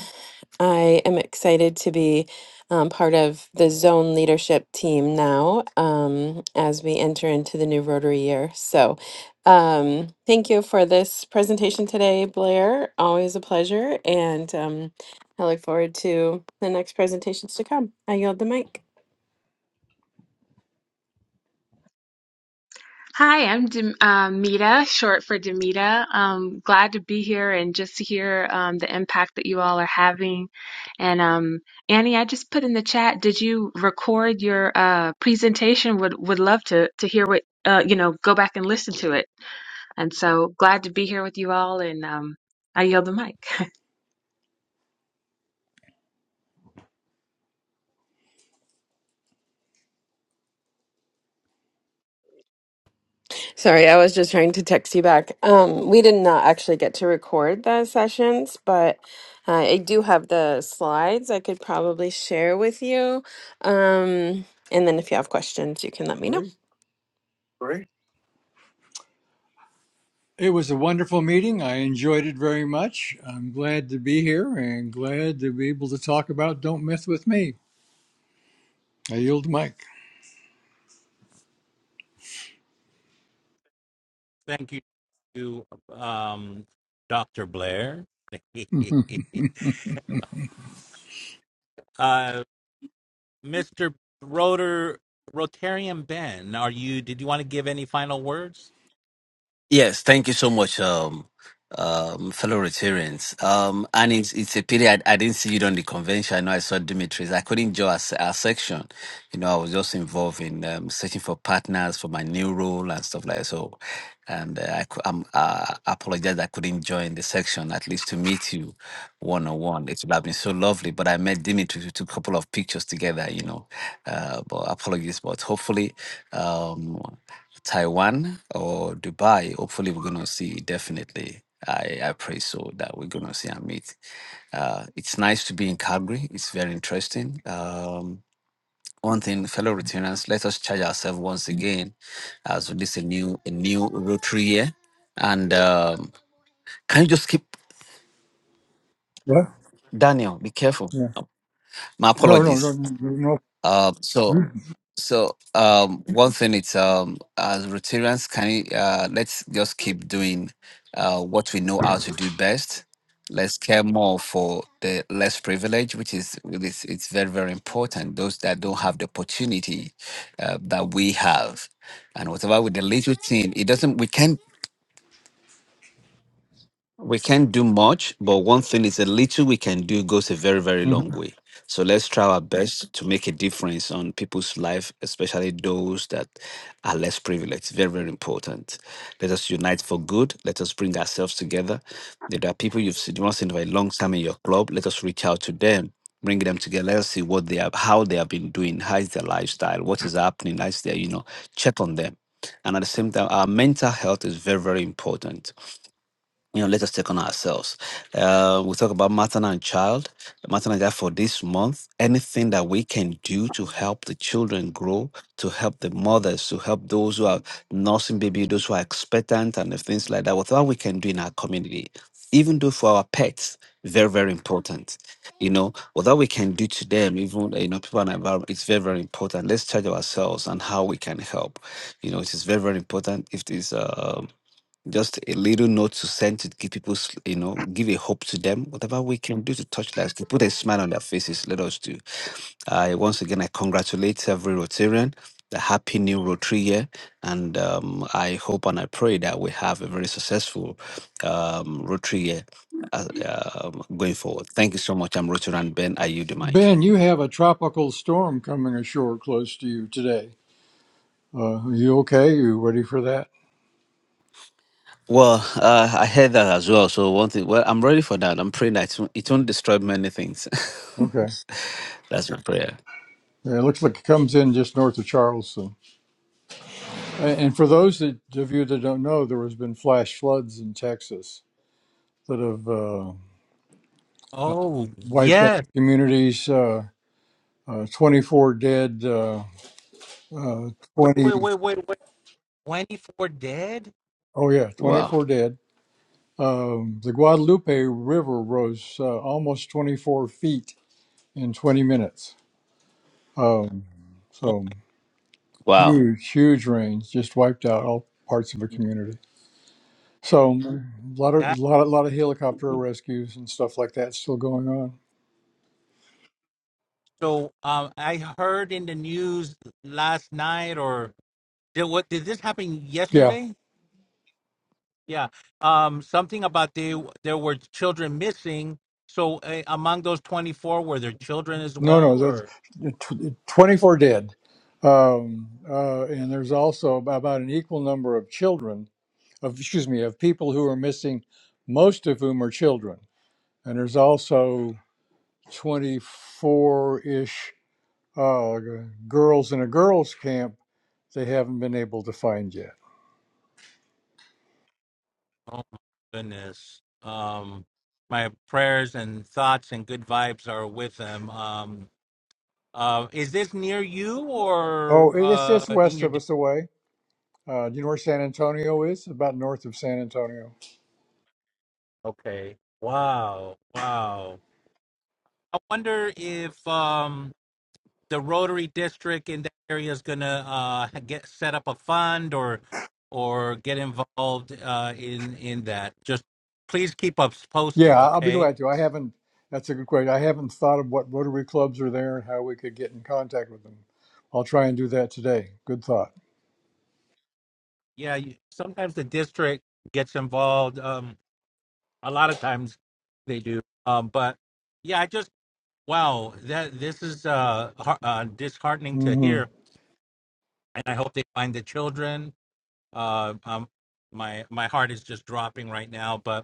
D: I am excited to be um, part of the zone leadership team now um, as we enter into the new Rotary year. So, um, thank you for this presentation today, Blair. Always a pleasure. And um, I look forward to the next presentations to come. I yield the mic.
C: Hi, I'm Dem uh, Mita, short for Demita. Um, glad to be here and just to hear um, the impact that you all are having. And um, Annie, I just put in the chat, did you record your uh, presentation? Would would love to to hear what uh, you know, go back and listen to it. And so glad to be here with you all, and um, I yield the mic.
D: Sorry, I was just trying to text you back. Um, we did not actually get to record the sessions, but uh, I do have the slides I could probably share with you. Um, and then if you have questions, you can let me know.
B: Great.
D: Great.
B: It was a wonderful meeting. I enjoyed it very much. I'm glad to be here and glad to be able to talk about Don't mess with Me. I yield the mic.
A: Thank you to um, Doctor Blair,
B: Mhm.
A: uh, Mister Rotor Rotarian Ben. Are you? Did you want to give any final words?
E: Yes, thank you so much, um, um, fellow Rotarians. Um, and it's, it's a pity I, I didn't see you on the convention. I know I saw Dimitri's. I couldn't join our, se- our section. You know, I was just involved in um, searching for partners for my new role and stuff like that. So, and uh, I, cou- I'm, uh, I apologize I couldn't join the section, at least to meet you one on one. It would have been so lovely. But I met Dimitri. We took a couple of pictures together, you know. Uh, but apologies, but hopefully. Um, Taiwan or Dubai. Hopefully, we're gonna see definitely. I, I pray so that we're gonna see and meet. Uh, it's nice to be in Calgary. It's very interesting. Um, one thing, fellow Rotarians, let us charge ourselves once again as this is a new a new Rotary year. And um, can you just keep
B: What?
E: Daniel? Be careful.
B: Yeah.
E: No, My
B: No, no, no,
E: apologies.
B: no. no.
E: Uh, so
B: no.
E: So um, one thing it's um, as Rotarians, can you, uh, let's just keep doing uh, what we know how to do best. Let's care more for the less privileged, which is it's, it's very very important. Those that don't have the opportunity uh, that we have, and whatever with the little thing, it doesn't. We can't we can't do much, but one thing is a little we can do goes a very, very long
B: Mhm.
E: way. So let's try our best to make a difference on people's life, especially those that are less privileged. Very, very important. Let us unite for good. Let us bring ourselves together. If there are people you've seen, not seen for a long time in your club, let us reach out to them, bring them together. Let us see what they are, how they have been doing, how is their lifestyle, what is happening, how is their, you know, check on them. And at the same time, our mental health is very, very important you know, let us take on ourselves. Uh, we talk about maternal and child. Maternal and child for this month. Anything that we can do to help the children grow, to help the mothers, to help those who are nursing baby, those who are expectant, and the things like that. Whatever we can do in our community, even though for our pets, very very important. You know, whatever we can do to them, even you know, people and environment, it's very very important. Let's charge ourselves and how we can help. You know, it is very very important. If this. Um, just a little note to send to give people, s- you know, give a hope to them. Whatever we can do to touch lives, to put a smile on their faces, let us do. I once again I congratulate every Rotarian. The happy new Rotary year, and um, I hope and I pray that we have a very successful um, Rotary year uh, um, going forward. Thank you so much. I'm Rotarian Ben. Are you the mic?
B: Ben, you have a tropical storm coming ashore close to you today. Uh, are you okay? You ready for that?
E: Well, uh, I heard that as well. So one thing, well, I'm ready for that. I'm praying that it won't, it won't destroy many things.
B: Okay.
E: That's my prayer.
B: Yeah, it looks like it comes in just north of Charleston. And, and for those that, of you that don't know, there has been flash floods in Texas that have uh, uh,
A: Oh
B: wiped
A: yes.
B: out communities. Uh, uh, 24 dead. Uh, uh,
A: Wait,
B: 20.
A: wait, wait, wait, wait. 24 dead?
B: Oh yeah,
E: Wow.
B: 24 dead. Um, the Guadalupe River rose uh, almost 24 feet in 20 minutes. Um,
A: Oh,
B: so
E: Wow.
B: huge, huge rains just wiped out all parts of a community. So a lot of a
A: that.
B: lot, a lot of helicopter rescues and stuff like that still going on.
A: So um, I heard in the news last night, or did what? Did this happen
B: Yeah,
A: yesterday? Yeah. Um, something about they there were children missing. So uh, among those 24, were there children as
B: no,
A: well?
B: no, that's
A: Or
B: uh, tw- uh, twenty-four dead, um, uh, and there's also about an equal number of children of excuse me of people who are missing, most of whom are children, and there's also twenty-four-ish uh, g- girls in a girls' camp they haven't been able to find yet.
A: oh my goodness. Um, my prayers and thoughts and good vibes are with them. Um, uh, is this near you or
B: Oh, it's it's
A: uh, in
B: west
A: your
B: of us away. Uh, do you know where San Antonio is? About north of San Antonio.
A: Okay. Wow. Wow. I wonder if um the Rotary District in that area is gonna uh get set up a fund or or get involved uh in in that. Just please keep us
B: Yeah,
A: posted,
B: I'll be
A: okay?
B: glad to. I haven't. That's a good question. I haven't thought of what Rotary clubs are there and how we could get in contact with them. I'll try and do that today. Good thought.
A: Yeah, you, sometimes the district gets involved. Um a lot of times they do. Um but yeah, I just wow, that this is uh, har- uh disheartening to
B: hmm
A: hear and I hope they find the children uh um my my heart is just dropping right now but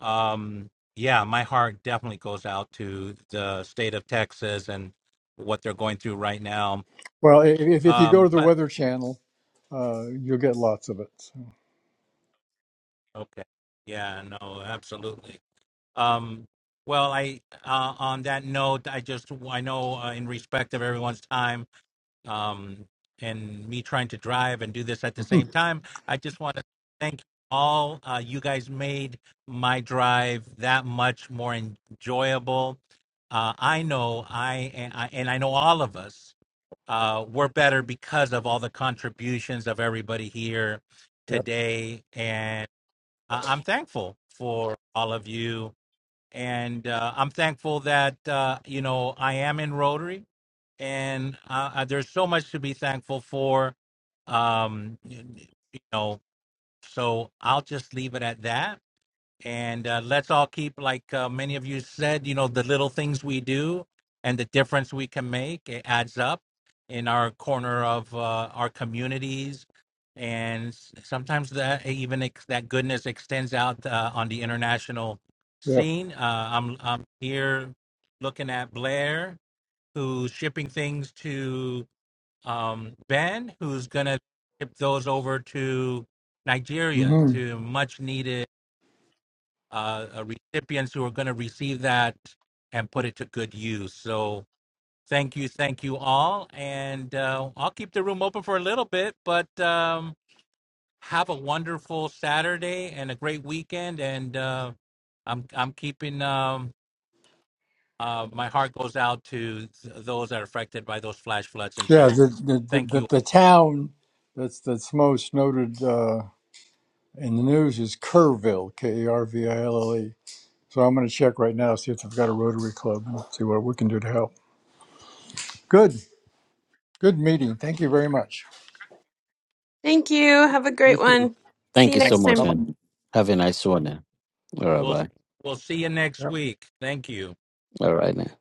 A: um yeah my heart definitely goes out to the state of texas and what they're going through right now
B: Well, i- if if you go
A: um
B: to the
A: but
B: Weather Channel, uh, you'll get lots of it. So.
A: okay yeah no absolutely um well i uh, on that note i just i know uh, in respect of everyone's time um, and me trying to drive and do this at the same time. I just want to thank all uh, you guys made my drive that much more enjoyable. Uh, I know I and, I and I know all of us uh, were better because of all the contributions of everybody here
B: yep.
A: today, and uh, I'm thankful for all of you. And uh, I'm thankful that uh, you know I am in Rotary and uh, uh, there's so much to be thankful for. Um, you, you know, so I'll just leave it at that. And uh, let's all keep, like uh, many of you said, you know, the little things we do and the difference we can make. It adds up in our corner of uh, our communities. And s- sometimes that even ex- that goodness extends out uh, on the international
B: Yep.
A: scene. Uh, I'm I'm here looking at Blair who's shipping things to um, Ben, who's going to ship those over to Nigeria
B: hmm
A: to much needed uh, uh, recipients who are going to receive that and put it to good use. So thank you, thank you all. And uh, I'll keep the room open for a little bit, but um, have a wonderful Saturday and a great weekend. And uh, I'm, I'm keeping. Um, Uh, my heart goes out to th- those that are affected by those flash floods in
B: Yeah. The
A: Texas.
B: the, the
A: Thank you.
B: the the town that's that's most noted uh, in the news is Kerrville, K E R V I L L E So I'm going to check right now, see if I've got a Rotary Club and see what we can do to help. Good. Good meeting. Thank you very much.
D: Thank you. Have a
B: You
D: great
B: too.
D: one. See
E: Thank
D: you
E: you so
D: next
B: Thanks.
E: much,
B: Bye
D: time.
B: bye.
E: and have a nice one. eh? All right,
A: We'll
E: bye.
A: we'll see you next week. Thank you.
E: All right, then.